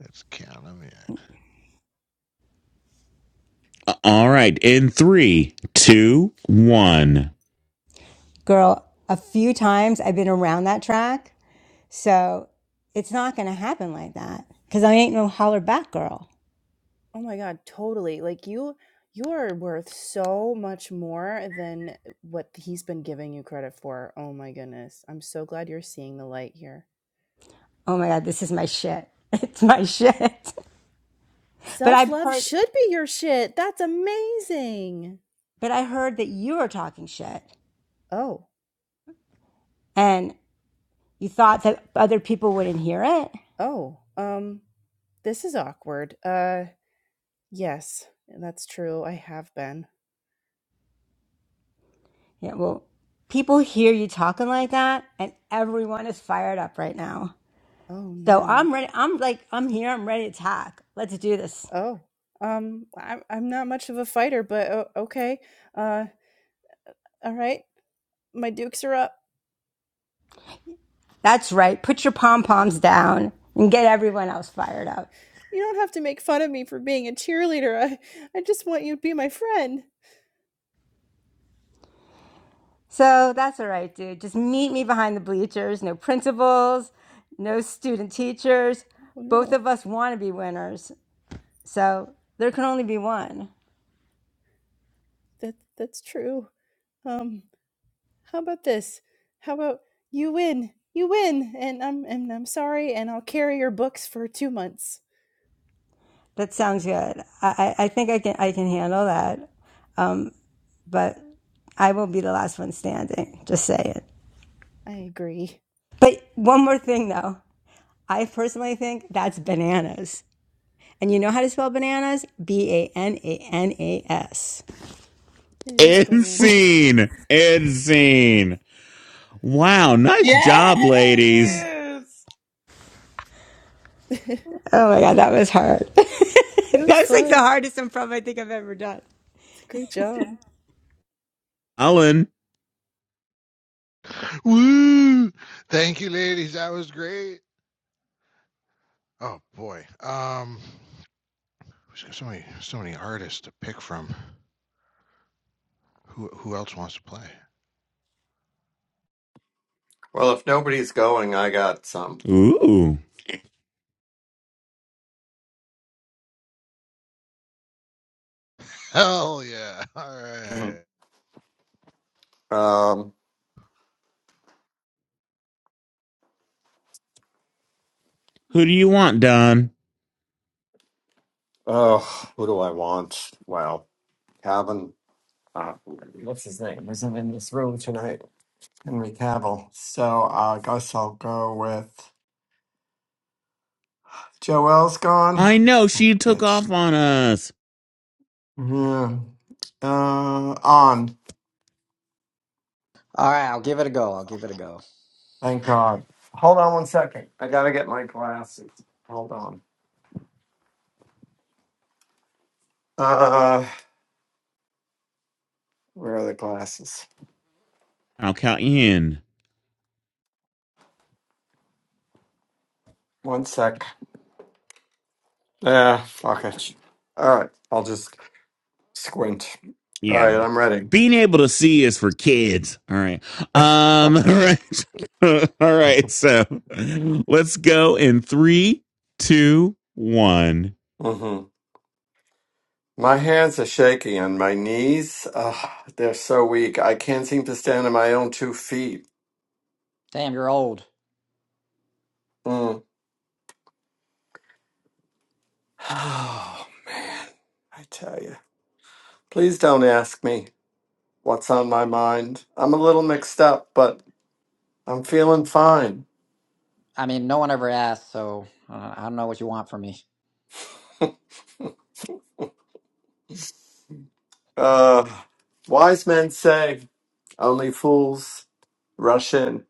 S2: Let's count them
S3: Uh, All right. In three, two, one.
S9: girl. A few times I've been around that track, so it's not going to happen like that because I ain't no holler back girl.
S16: Oh my god, totally. Like you you're worth so much more than what he's been giving you credit for. Oh my goodness. I'm so glad you're seeing the light here.
S9: Oh my god, this is my shit. It's my shit. But I've
S16: Self-love
S9: heard
S16: should be your shit. That's amazing.
S9: but I heard that you were talking shit
S16: Oh.
S9: and you thought that other people wouldn't hear it.
S16: Oh. Um this is awkward. Uh yes, that's true. I have been.
S9: Yeah, well, people hear you talking like that and everyone is fired up right now.
S16: Oh
S9: So
S16: no.
S9: I'm ready. I'm like, I'm here. I'm ready to talk. Let's do this.
S16: Oh, um, I'm I'm not much of a fighter, but o- okay. Uh, all right, my dukes are up.
S9: That's right. Put your pom poms down and get everyone else fired up.
S16: You don't have to make fun of me for being a cheerleader. I I just want you to be my friend.
S9: So that's all right, dude. Just meet me behind the bleachers. No principals, no student teachers.
S16: Oh
S9: Both
S16: no,
S9: of us want to be winners. So there can only be one.
S16: that that's true. Um, how about this? How about you win? You win, and I'm and I'm sorry, and I'll carry your books for two months.
S9: That sounds good. I, I think I can I can handle that, but I will be the last one standing. Just say it.
S16: I agree.
S9: But one more thing though, I personally think that's bananas. And you know how to spell bananas? B A N A N A S.
S16: It is
S3: End
S16: bananas.
S3: scene. End scene. Wow. Nice job, ladies.
S14: Yes.
S16: that
S9: Oh my god, that was hard. that
S16: was
S9: was like the
S16: fun.
S9: hardest improv I think I've ever done.
S16: It's a great job.
S3: Colin.
S2: in. Woo! Thank you, ladies. That was great. Oh boy. Um there's got so many so many artists to pick from. Who who else wants to play?
S11: Well, if nobody's going, I got some.
S3: Ooh.
S2: Hell yeah. All
S11: Mhm.
S2: right.
S11: Um,
S3: Who do you want, Don?
S11: oh, who do I want? Well, Calvin. Uh, what's his name? Isn't in this room tonight. Henry Cavill. So I guess I'll go with Joel's gone.
S3: I know
S11: That
S3: she took
S11: bitch.
S3: off on us.
S11: Yeah. Uh, on.
S4: right, I'll give it a go. I'll give it a go.
S11: Thank God. Hold on one second. I gotta get my glasses. Hold on. Uh, where are the glasses?
S3: I'll count you in.
S11: One sec. Yeah, fuck it. All right, I'll just squint. All
S3: Yeah.
S11: right, I'm ready.
S3: Being able to see is for kids. All right. Um, all right. all right. So let's go in three, two, one.
S11: Mm-hmm. My hands are shaky and my knees, uh, they're so weak. I can't seem to stand on my own two feet.
S4: Damn, you're old.
S11: Mm. Oh, man. I tell you. Please don't ask me what's on my mind. I'm a little mixed up, but I'm feeling fine.
S4: I mean, no one ever asked, so uh, I don't know what you want from me.
S11: Uh, wise men say only fools rush in.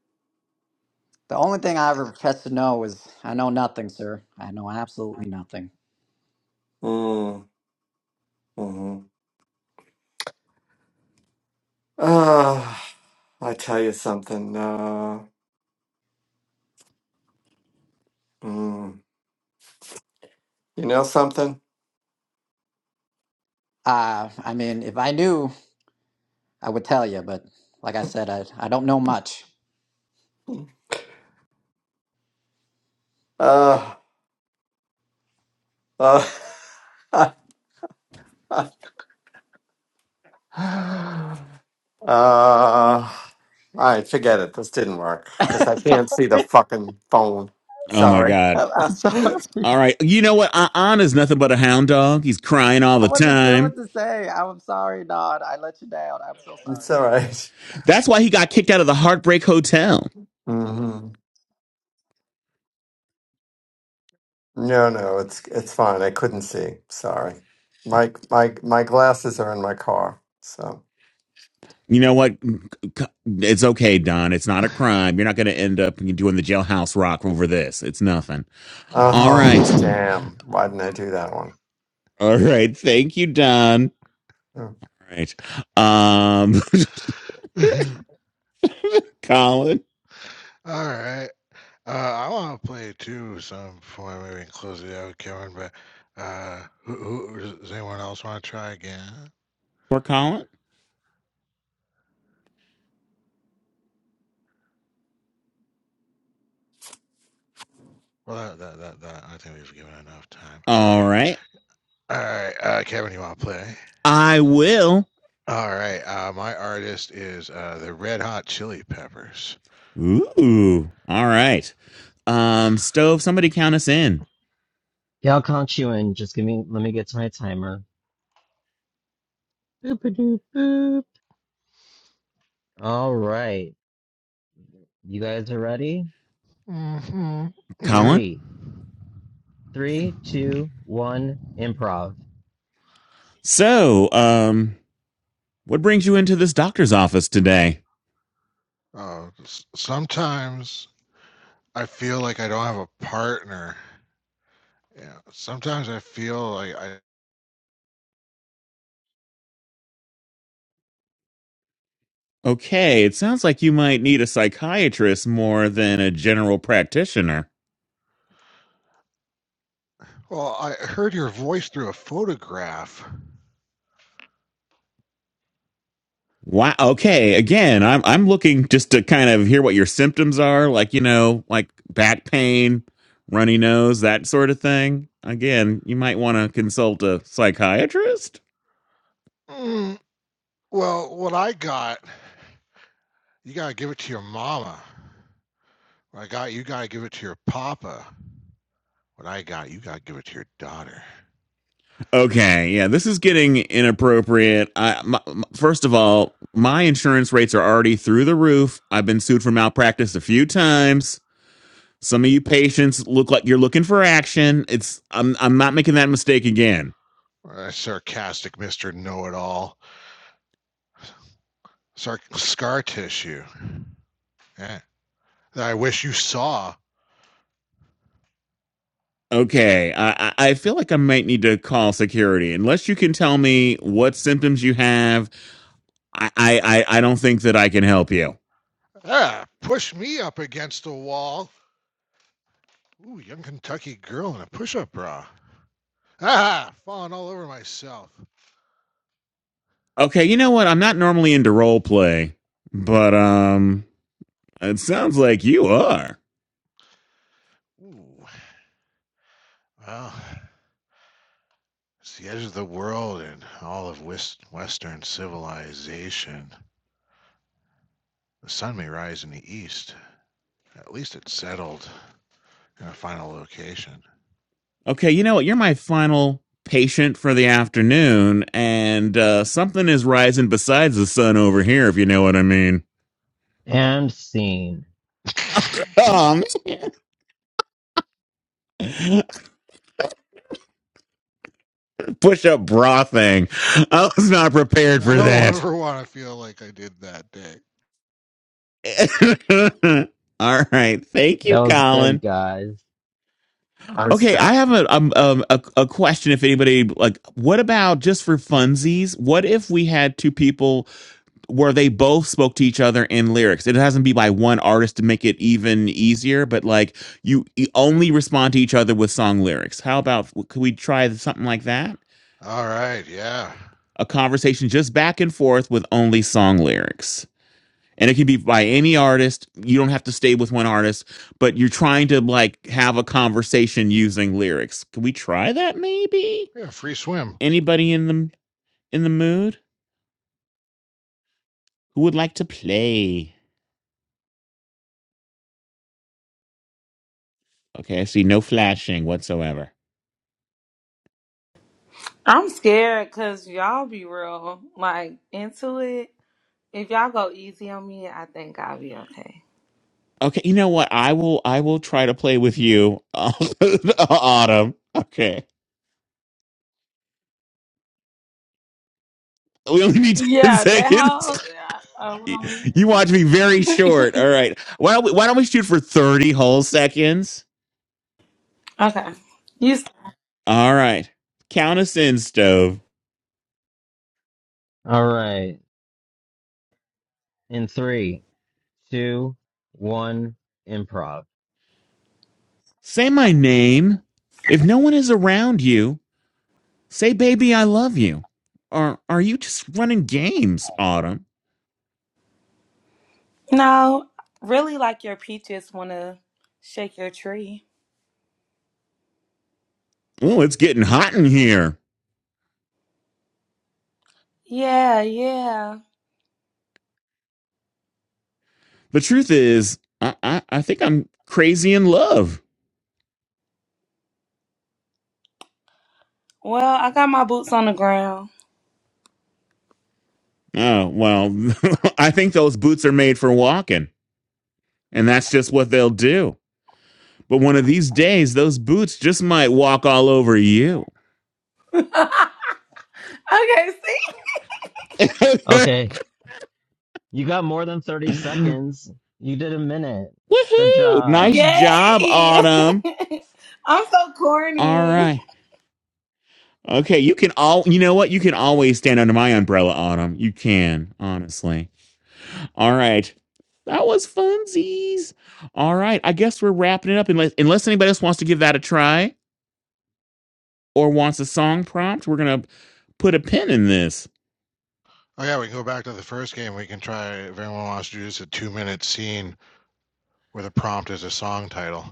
S4: The only thing I ever profess to know is I know nothing, sir. I know absolutely nothing.
S11: Mm, Mm-hmm. Uh, I tell you something. Uh, mm, you know something?
S4: Uh, I mean, if I knew, I would tell you, but like I said, I, I don't know much.
S11: Uh, uh, Uh, all right, forget it. This didn't work because I can't see the
S4: Sorry.
S11: fucking phone.
S3: Oh my
S11: Sorry.
S3: God.
S4: I'm sorry.
S11: it's
S3: All right. You know what? An nothing but a hound dog. He's crying all
S4: I
S3: the
S4: wasn't sure
S3: time.
S4: what to say. I'm sorry, Nod. I let you down. I'm so sorry.
S11: all right.
S3: That's why he got kicked out of the Heartbreak Hotel.
S11: Mm-hmm. No, no, it's it's fine. I couldn't see. Sorry. My my my glasses are in my car. So.
S3: You know what? It's okay, Don. It's not a crime. You're not going to end up doing the jailhouse rock over this. It's nothing. All
S11: Oh
S3: right.
S2: Mm.
S11: damn! Why didn't I do that one?
S3: All right. Thank you, Don.
S11: Oh,
S3: All right. Um, Colin.
S2: All right. Uh I wanna play too some before I maybe close it out, Kevin, but uh who, who does anyone else wanna try again?
S3: Or Colin.
S2: Well that, that that that I think we've given enough time.
S3: All
S2: Okay.
S3: right.
S2: All right, uh Kevin, you wanna play?
S3: I will.
S2: All right, uh my artist is uh the Red Hot Chili Peppers.
S3: Ooh. All right. Um, Stove, somebody count us in.
S1: Yeah, I'll conch you in. Just give me let me get to my timer. Boop-a-doop boop. All right. You guys are ready?
S2: hmm Yeah.
S3: Colin.
S1: Three, three, two, one, improv.
S3: So, um, What brings you into this doctor's office today?
S2: Uh, s- sometimes I feel like I don't have a partner. Yeah. Sometimes I feel like I.
S3: Okay, it sounds like you might need a psychiatrist more than a general practitioner.
S2: Well, I heard your voice through a photograph.
S3: Wow. Okay. Again, I'm I'm looking just to kind of hear what your symptoms are, like you know, like back pain, runny nose, that sort of thing. Again, you might want to consult a psychiatrist.
S2: Mm, well, what I got, you gotta give it to your mama. What I got, you gotta give it to your papa. What I got, you gotta give it to your daughter.
S3: Okay, yeah, this is getting inappropriate. I, my, my- first of all, my insurance rates are already through the roof. I've been sued for malpractice a few times Some of you patients look like you're looking for action. It's I'm I'm not making that mistake again.
S2: Uh, sarcastic Mister Know It All, Sarc scar tissue. Yeah. That I wish you saw
S3: Okay, I, I I feel like I might need to call security. Unless you can tell me what symptoms you have, I, I, I I don't think that I can help you.
S2: Ah, push me up against a wall. Ooh, young Kentucky girl in a push-up bra. Ah, falling all over myself.
S3: Okay, you know what? I'm not normally into role play, but um, it sounds like you are.
S2: Ooh, well, it's the edge of the world and all of wis- Western civilization. The sun may rise in the east. At least it's settled in a final location.
S3: Okay, you know what? You're my final patient for the afternoon, and uh, something is rising besides the sun over here, if you know what I mean.
S1: And scene.
S3: Oh, man. push up bra thing. I was not prepared
S2: I
S3: for
S2: don't
S3: that.
S2: ever want to feel like I did that day.
S3: All right, thank
S1: That
S3: you,
S1: was
S3: Colin.
S1: good, guys.
S11: I'm
S3: Okay, I
S11: stuck.
S3: have a, um, um, a a question. If anybody like, what about just for funsies? What if we had two people where they both spoke to each other in lyrics. It hasn't be by one artist to make it even easier, but like you you only respond to each other with song lyrics. How about could we try something like that?
S2: All right, yeah.
S3: A conversation just back and forth with only song lyrics. And it can be by any artist. You don't have to stay with one artist, but you're trying to like have a conversation using lyrics. Can we try that maybe?
S2: Yeah, free swim.
S3: Anybody in the in the mood who would like to play? Okay, I see no flashing whatsoever.
S14: I'm scared because y'all be real, like into it. If y'all go easy on me, I think I'll be okay.
S3: Okay, you know what? I will I will try to play with you autumn. Okay. We only need 10
S14: Yeah, that whole.
S3: seconds.
S14: Yeah, oh,
S3: You want to be very short. All
S14: really?
S3: right. Why don't we, why don't we shoot for 30 whole seconds?
S14: okay. You s-
S3: All right. Count us in, stove.
S1: All right. In three, two, one, improv.
S3: Say my name. If no one is around you, say baby I love you. Or are you just running games, Autumn?
S14: no, really like your peaches want to shake your tree.
S3: Oh, it's getting hot in here.
S14: Yeah, yeah.
S3: The truth is, I I, I think I'm crazy in love.
S14: Well, I got my boots on the ground.
S3: Oh, well, I think those boots are made for walking, and that's just what they'll do. But one of these days, those boots just might walk all over you.
S14: okay, see?
S3: Woohoo!
S1: Okay. You got more than 30 seconds. You did a minute. Good job.
S3: Nice job,
S14: Yay!
S3: Autumn.
S14: I'm so
S3: All
S14: corny.
S3: right. Okay, you can all, you know what? You can always stand under my umbrella, Autumn. You can, honestly. All right. That was funsies. All right. I guess we're wrapping it up. Unless, unless anybody else wants to give that a try or wants a song prompt, we're going to put a pin in this.
S2: Oh yeah, we go back to the first game. We can try if anyone wants to do just a two minute scene where the prompt is a song title.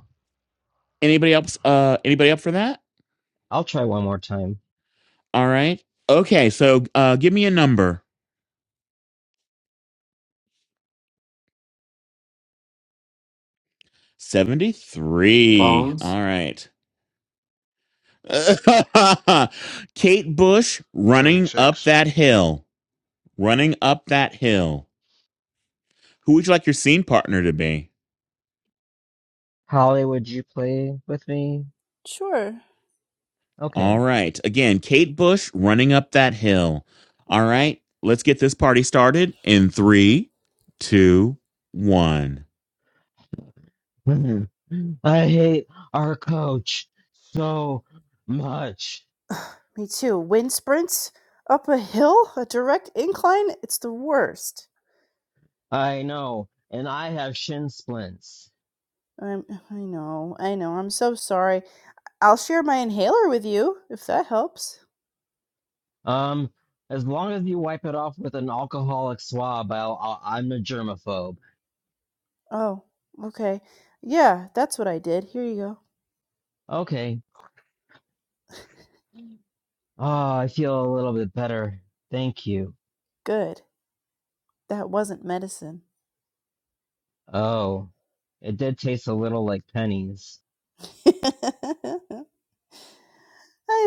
S3: Anybody else? Uh, anybody up for that?
S1: I'll try one more time.
S3: All right. Okay. So, uh, give me a number. Seventy-three.
S11: Bones.
S3: All right. Kate Bush
S2: Seventy
S3: running up
S2: six.
S3: that hill. Running up that hill. Who would you like your scene partner to be?
S1: Holly, would you play with me?
S16: Sure.
S1: Okay.
S3: All right. Again, Kate Bush running up that hill. All right. Let's get this party started in three, two, one.
S1: Mhm. I hate our coach so much.
S16: Me too. Wind sprints up a hill, a direct incline. It's the worst.
S1: I know, and I have shin splints.
S16: I'm, I know. I know. I'm so sorry. I'll share my inhaler with you if that helps.
S1: Um, as long as you wipe it off with an alcoholic swab, I'll, I'll, I'm a germaphobe.
S16: Oh, okay. Yeah, that's what I did. Here you go.
S1: Okay. Ah, I feel a little bit better. Thank you.
S16: Good. That wasn't medicine.
S1: Oh, it did taste a little like pennies.
S16: I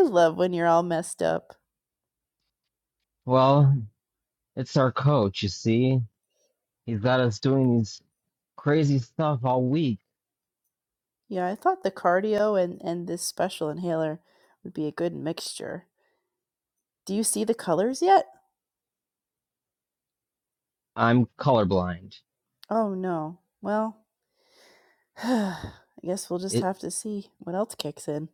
S16: love when you're all messed up.
S1: Well, it's our coach, you see. He's got us doing these crazy stuff all week.
S16: Yeah, I thought the cardio and, and this special inhaler would be a good mixture. Do you see the colors yet?
S1: I'm colorblind.
S16: Oh no. Well, I guess we'll just have to see what else kicks in.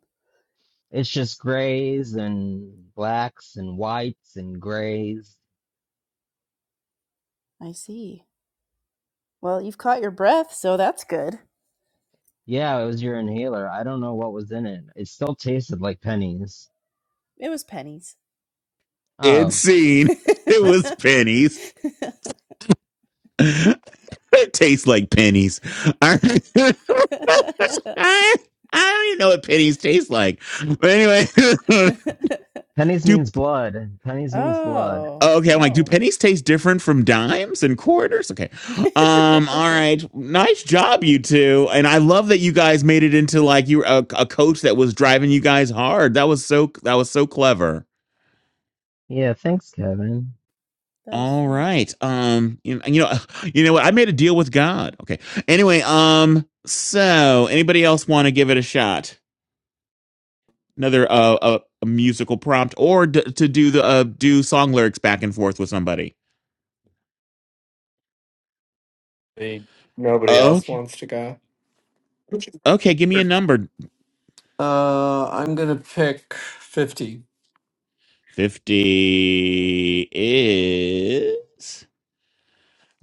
S1: It's just grays and blacks and whites and grays.
S16: I see. Well, you've caught your breath, so that's good.
S1: Yeah, it was your inhaler. I don't know what was in it. It still tasted like pennies.
S16: It was pennies.
S3: It's
S1: Oh,
S3: scene. It was pennies. It tastes like pennies. I I don't even know what pennies taste like. But anyway,
S1: pennies
S3: do
S1: means blood. Pennies means blood.
S16: oh,
S3: okay. I'm like, do
S16: oh.
S3: pennies taste different from dimes and quarters? Okay. Um. All
S16: that
S3: right. Nice job, you two. And I love that you guys made it into like you were a, a coach that was driving you guys hard. That was so. That was so clever.
S1: Yeah, thanks, Kevin.
S16: was
S3: All
S16: fun.
S3: right. Um. You, you know. You know what? I made a deal with God. Okay. Anyway. Um. So, anybody else want to give it a shot? another uh, a, a musical prompt or d- to do the uh, do song lyrics back and forth with somebody
S11: Hey, Nobody else
S3: okay
S11: wants to go.
S3: okay give me a number
S11: Uh, I'm gonna pick fifty.
S3: 50 is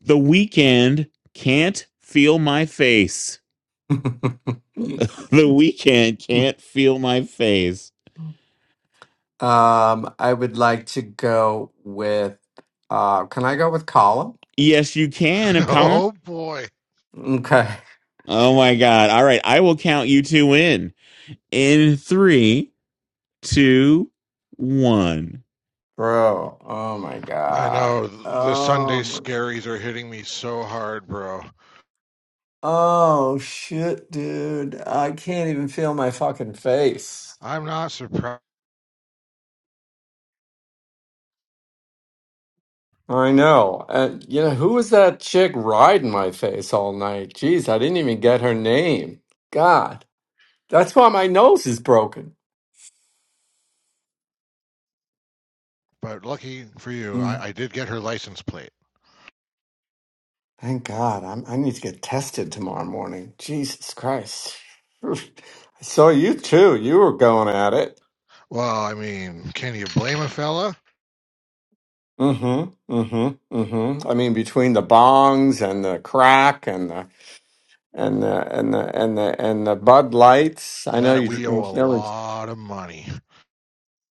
S3: the weekend can't feel my face the weekend can't feel my face
S11: Um, I would like to go with uh can I go with Colin?
S3: yes you can if colin
S2: oh boy.
S11: Okay.
S3: oh my god all right i will count you two in in three two one
S11: Bro, oh my
S2: I
S11: God.
S2: know the Sunday
S11: Oh,
S2: scaries are hitting me so hard, bro.
S11: oh shit, dude. I can't even feel my fucking face.
S2: I'm not surprised,
S11: I know. And you know, who was that chick riding my face all night? Jeez, I didn't even get her name. God. That's why my nose is broken.
S2: but lucky for you, I, I did get her license plate.
S11: Thank God. I'm, I need to get tested tomorrow morning. Jesus Christ. I saw you too. You were going at it.
S2: Well, I mean, can you blame a fella
S11: Mm-hmm. Mm-hmm. Mm-hmm. I mean, between the bongs and the crack and the and the and the and the and the Bud Lights. I know
S2: that
S11: you
S2: we owe a
S11: only.
S2: lot of money?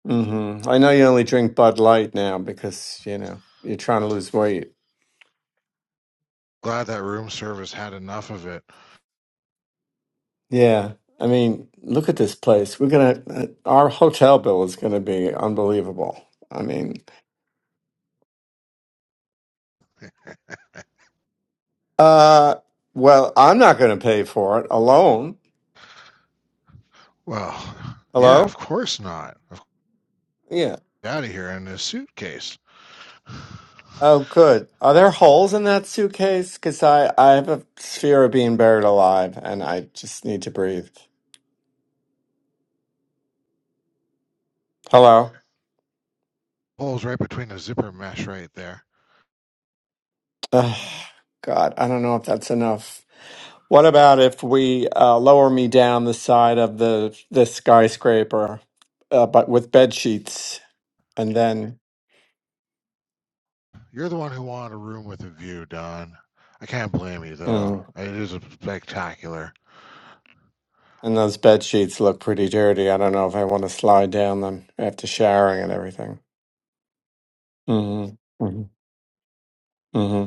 S11: Mm-hmm. I know you only drink Bud Light now because you know you're trying to lose weight.
S2: Glad that room service had enough of it.
S11: Yeah. I mean, look at this place. We're gonna. uh, Our hotel bill is gonna be unbelievable. I mean. Uh, well, I'm not going to pay for it alone.
S2: Well, yeah, of
S11: Hello?
S2: course not.
S11: Yeah.
S2: Out of here in this suitcase.
S11: Oh, good. Are there holes in that suitcase? Because I, I have a fear of being buried alive and I just need to breathe. Hello?
S2: Hole's right between the zipper mesh right there.
S11: Ugh, God, I don't know if that's enough. What about if we uh, lower me down the side of the, the skyscraper, uh, but with bed sheets and then.
S2: You're the one who wanted a room with a view, Don. I can't blame you,
S11: hmm.
S2: though. It is spectacular.
S11: And those bed sheets look pretty dirty. I don't know if I want to slide down them after showering and everything. hmm hmm hmm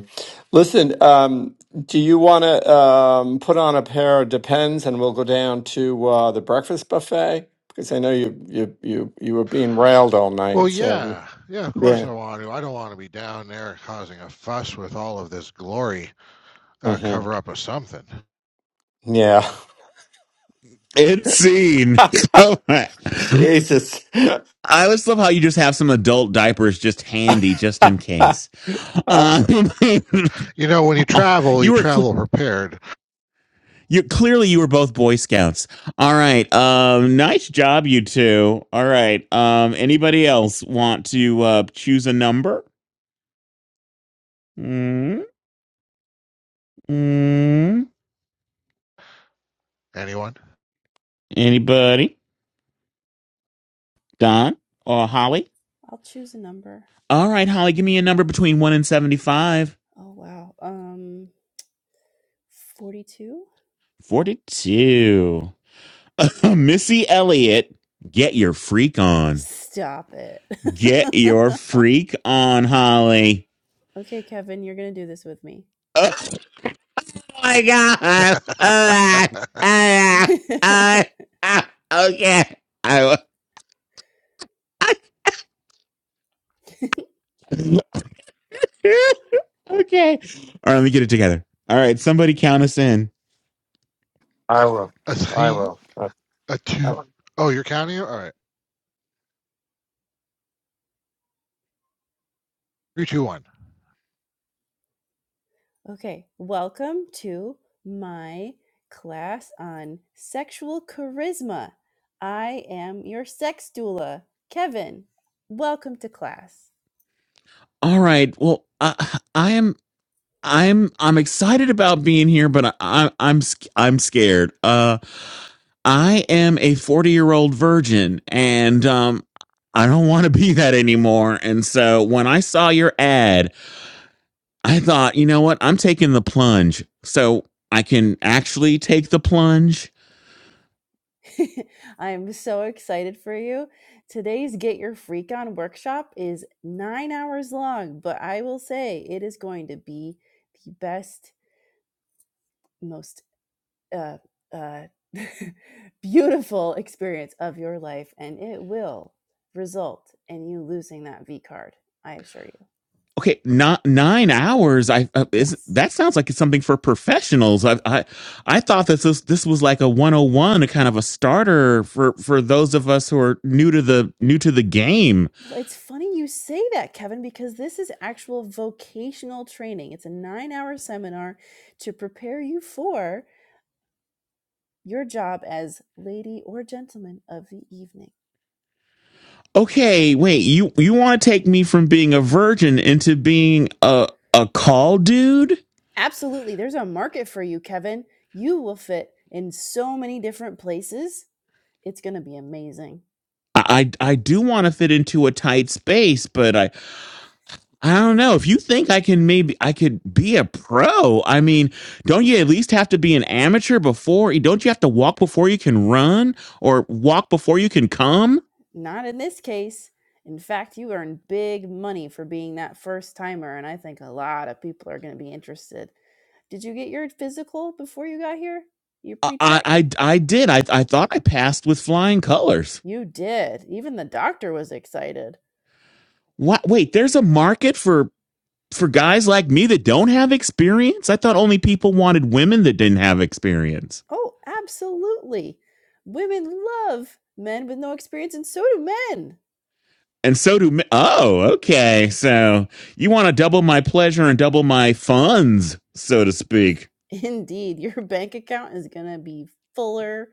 S11: Listen, um, do you want to um, put on a pair of Depends, and we'll go down to uh, the breakfast buffet? Because I know you you you you were being railed all
S2: Well,
S11: night. So
S2: yeah. Yeah, of course
S11: yeah,
S2: I want to. I don't want to be down there causing a fuss with all of this glory. Gotta
S11: hmm
S2: cover up with something.
S11: yeah.
S3: It's seen. All right.
S11: Jesus,
S3: I always love how you just have some adult diapers just handy, just in case.
S11: I
S3: Uh,
S2: You know, when you travel,
S3: you
S2: you
S3: were cl-
S2: travel prepared.
S3: you clearly you were both Boy Scouts. All right, um, nice job, you two. All right, um, anybody else want to uh, choose a number? mm mm.
S2: Anyone?
S3: Anybody? Don or Holly?
S16: I'll choose a number.
S3: All right, Holly, give me a number between one and seventy-five.
S16: Oh, wow. Um, 42?
S3: Forty-two. Missy Elliott, get your freak on.
S16: Stop it.
S3: Get your freak on, Holly.
S16: okay, Kevin, you're going to do this with me.
S3: Oh my god.
S2: A,
S3: Oh, oh, oh, oh, Okay. I, I, okay. All right, let me get it together. All right, somebody count us in.
S11: will.
S2: a
S11: I
S2: three,
S11: will. I
S2: a two. Oh, you're counting it? All right. Three, two, one.
S16: okay, welcome to my class on sexual charisma. I am your sex doula, Kevin. Welcome to class.
S3: All right. Well, uh, I am I'm I'm excited about being here, but I, am I'm I'm scared. Uh, I am a 40 year old virgin, and um, I don't want to be that anymore. And so when I saw your ad, I thought, you know what? I'm taking the plunge, so I can actually take the plunge.
S16: I'm so excited for you. Today's Get Your Freak On workshop is nine hours long, but I will say it is going to be the best, most uh, uh, beautiful experience of your life, and it will result in you losing that V card. I assure you.
S3: okay not nine hours i uh, is
S16: Yes.
S3: that sounds like it's something for professionals i i, I thought that this this was like a 101 a kind of a starter for for those of us who are new to the new to the game
S16: Well, it's funny you say that, Kevin, because this is actual vocational training. It's a nine hour seminar to prepare you for your job as lady or gentleman of the evening.
S3: okay wait you you want to take me from being a virgin into being a a call dude
S16: Absolutely. There's a market for you, Kevin. You will fit in so many different places. It's going to be amazing.
S3: i i I do want to fit into a tight space but i I don't know. If you think I can maybe I could be a pro, I mean, don't you at least have to be an amateur before? Don't you have to walk before you can run or walk before you can come?
S16: Not in this case. In fact, you earn big money for being that first timer, and I think a lot of people are going to be interested. Did you get your physical before you got here? Your
S3: I
S16: pre
S3: I
S16: check?
S3: I did. I I thought I passed with flying colors.
S16: You did. Even the doctor was excited.
S3: What? Wait, there's a market for for guys like me that don't have experience. I thought only people wanted women that didn't have experience.
S16: Oh, absolutely. Women love men with no experience, and so do men.
S3: And so do. me- Oh, okay. So you want to double my pleasure and double my funds, so to speak.
S16: Indeed, your bank account is going to be fuller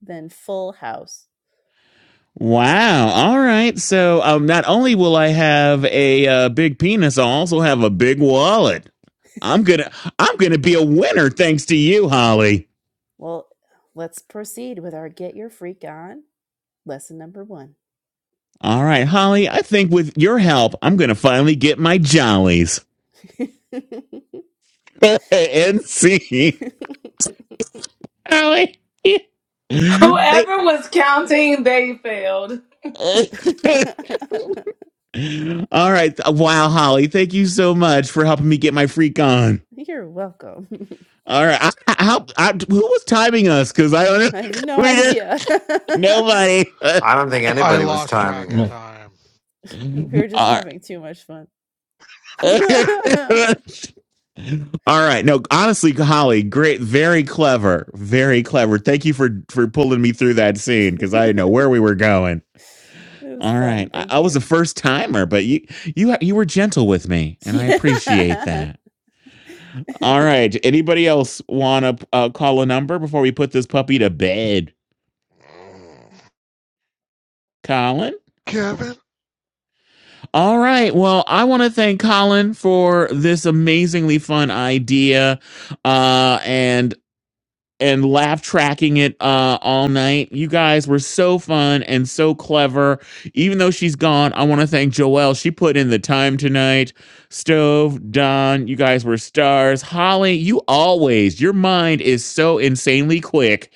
S16: than full house.
S3: Wow. All right. So um, not only will I have a uh, big penis, I'll also have a big wallet. I'm gonna I'm gonna be a winner thanks to you, Holly.
S16: Well, let's proceed with our Get Your Freak On lesson number one.
S3: All right, Holly. I think with your help, I'm gonna finally get my jollies and see Holly. They-
S14: Whoever was counting, they failed.
S3: All right. Wow, Holly. Thank you so much for helping me get my freak on.
S16: You're welcome.
S3: All right. I, I, how- I- who was timing us? Because I don't know.
S16: I have no
S3: we didn't.
S16: idea.
S3: Nobody.
S11: I don't think
S2: I
S11: anybody was
S2: lost
S11: timing
S2: track of
S11: you.
S1: No,
S2: time.
S16: we were just
S3: All right.
S16: having too much fun. it
S3: All right. No, honestly, Holly, great, very clever, very clever. Thank you for for pulling me through that scene because I didn't know where we were going.
S16: was
S3: All
S16: fun.
S3: right, I,
S16: Thank
S3: I was
S16: you.
S3: a first timer, but you you you were gentle with me, and I
S16: Yeah.
S3: appreciate that. All right. Anybody else want to uh, call a number before we put this puppy to bed,
S2: Mm.
S3: Colin?
S2: Kevin?
S3: All right. Well, I want to thank Colin for this amazingly fun idea. Uh, and and laugh tracking it uh, all night. You guys were so fun and so clever. Even though she's gone, I want to thank Joelle. She put in the time tonight. Stove, Don, you guys were stars. Holly, you always, your mind is so insanely quick.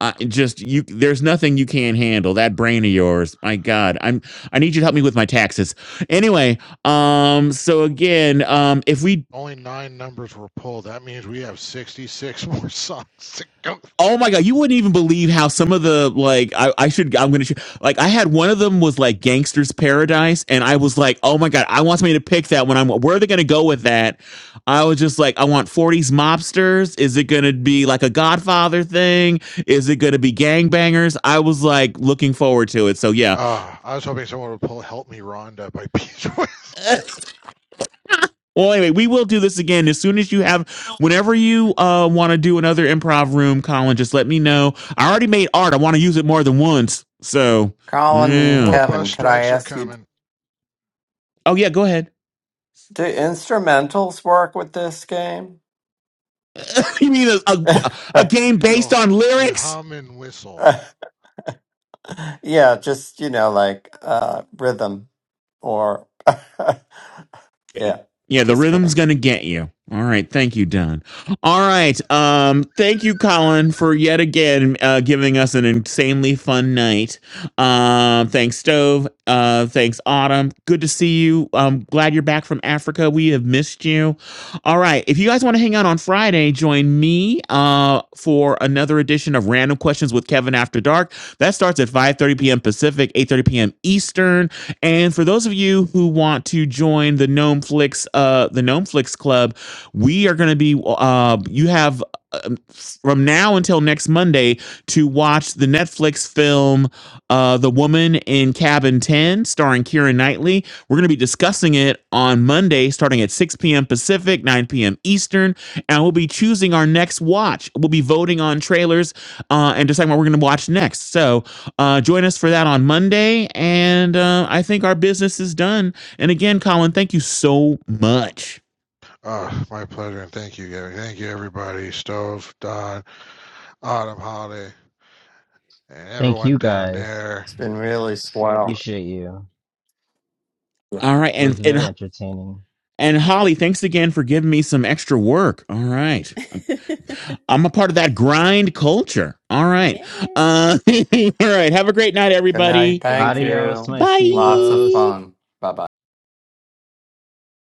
S3: Uh, just you there's nothing you can't handle that brain of yours my god i'm i need you to help me with my taxes anyway um so again um if we
S2: Only nine numbers were pulled. That means we have 66 more songs to go.
S3: Oh my god, you wouldn't even believe how some of the like I, I should I'm gonna like I had one of them was like Gangster's Paradise, and I was like, oh my god, I want somebody to pick that when I'm where are they gonna go with that? I was just like, I want 40s mobsters. Is it gonna be like a Godfather thing? Is it gonna be gangbangers? I was like looking forward to it. So yeah.
S2: Uh, I was hoping someone would pull "Help Me, Rhonda" by Beach Boys.
S3: Well, anyway, we will do this again as soon as you have whenever you uh want to do another improv room, Colin, just let me know. I already made art. I want to use it more than once. So
S11: Colin and
S3: yeah.
S2: More bus
S11: Kevin, could I
S2: strikes are
S11: ask you,
S2: coming.
S3: Oh yeah, go ahead.
S11: do instrumentals work with this game?
S3: You mean a, a, a game based
S2: You'll
S3: on
S2: you
S3: lyrics?
S2: hum and whistle.
S11: yeah, just, you know, like uh rhythm or yeah,
S3: Yeah, the
S11: just
S3: rhythm's
S11: kidding.
S3: gonna get you. All right, thank you, Don. All right, um, thank you, Colin, for yet again uh, giving us an insanely fun night. Um, thanks, Stove. Uh, thanks, Autumn. Good to see you. I'm glad you're back from Africa. We have missed you. All right, if you guys want to hang out on Friday, join me uh, for another edition of Random Questions with Kevin After Dark. That starts at 5:30 p.m. Pacific, 8:30 p.m. Eastern. And for those of you who want to join the Gnome Flix, uh, the Gnome Flix Club, we are going to be. Uh, you have um, from now until next Monday to watch the Netflix film uh, "The Woman in Cabin 10," starring Keira Knightley. We're going to be discussing it on Monday, starting at 6 p.m. Pacific, 9 p.m. Eastern, and we'll be choosing our next watch. We'll be voting on trailers uh, and deciding what we're going to watch next. So uh, join us for that on Monday. And uh, I think our business is done. And again, Colin, thank you so much.
S2: Uh, my pleasure, and thank you, Gabby. Thank you, everybody. Stove, Don, Autumn, Holiday, and
S1: thank
S2: everyone
S1: you
S2: down
S1: guys.
S2: there.
S11: It's been really swell.
S1: Appreciate you.
S3: All right,
S1: It
S3: and
S1: was
S3: and
S1: very entertaining.
S3: and Holly, thanks again for giving me some extra work. All right, I'm, I'm a part of that grind culture. All right,
S16: yeah.
S3: uh, all right. Have a great night,
S11: Good night.
S3: everybody.
S16: Good
S11: Thank
S16: night.
S1: Adios,
S11: you.
S1: my sea
S11: Lots of
S1: seagulls.
S3: Bye.
S11: fun. Bye bye.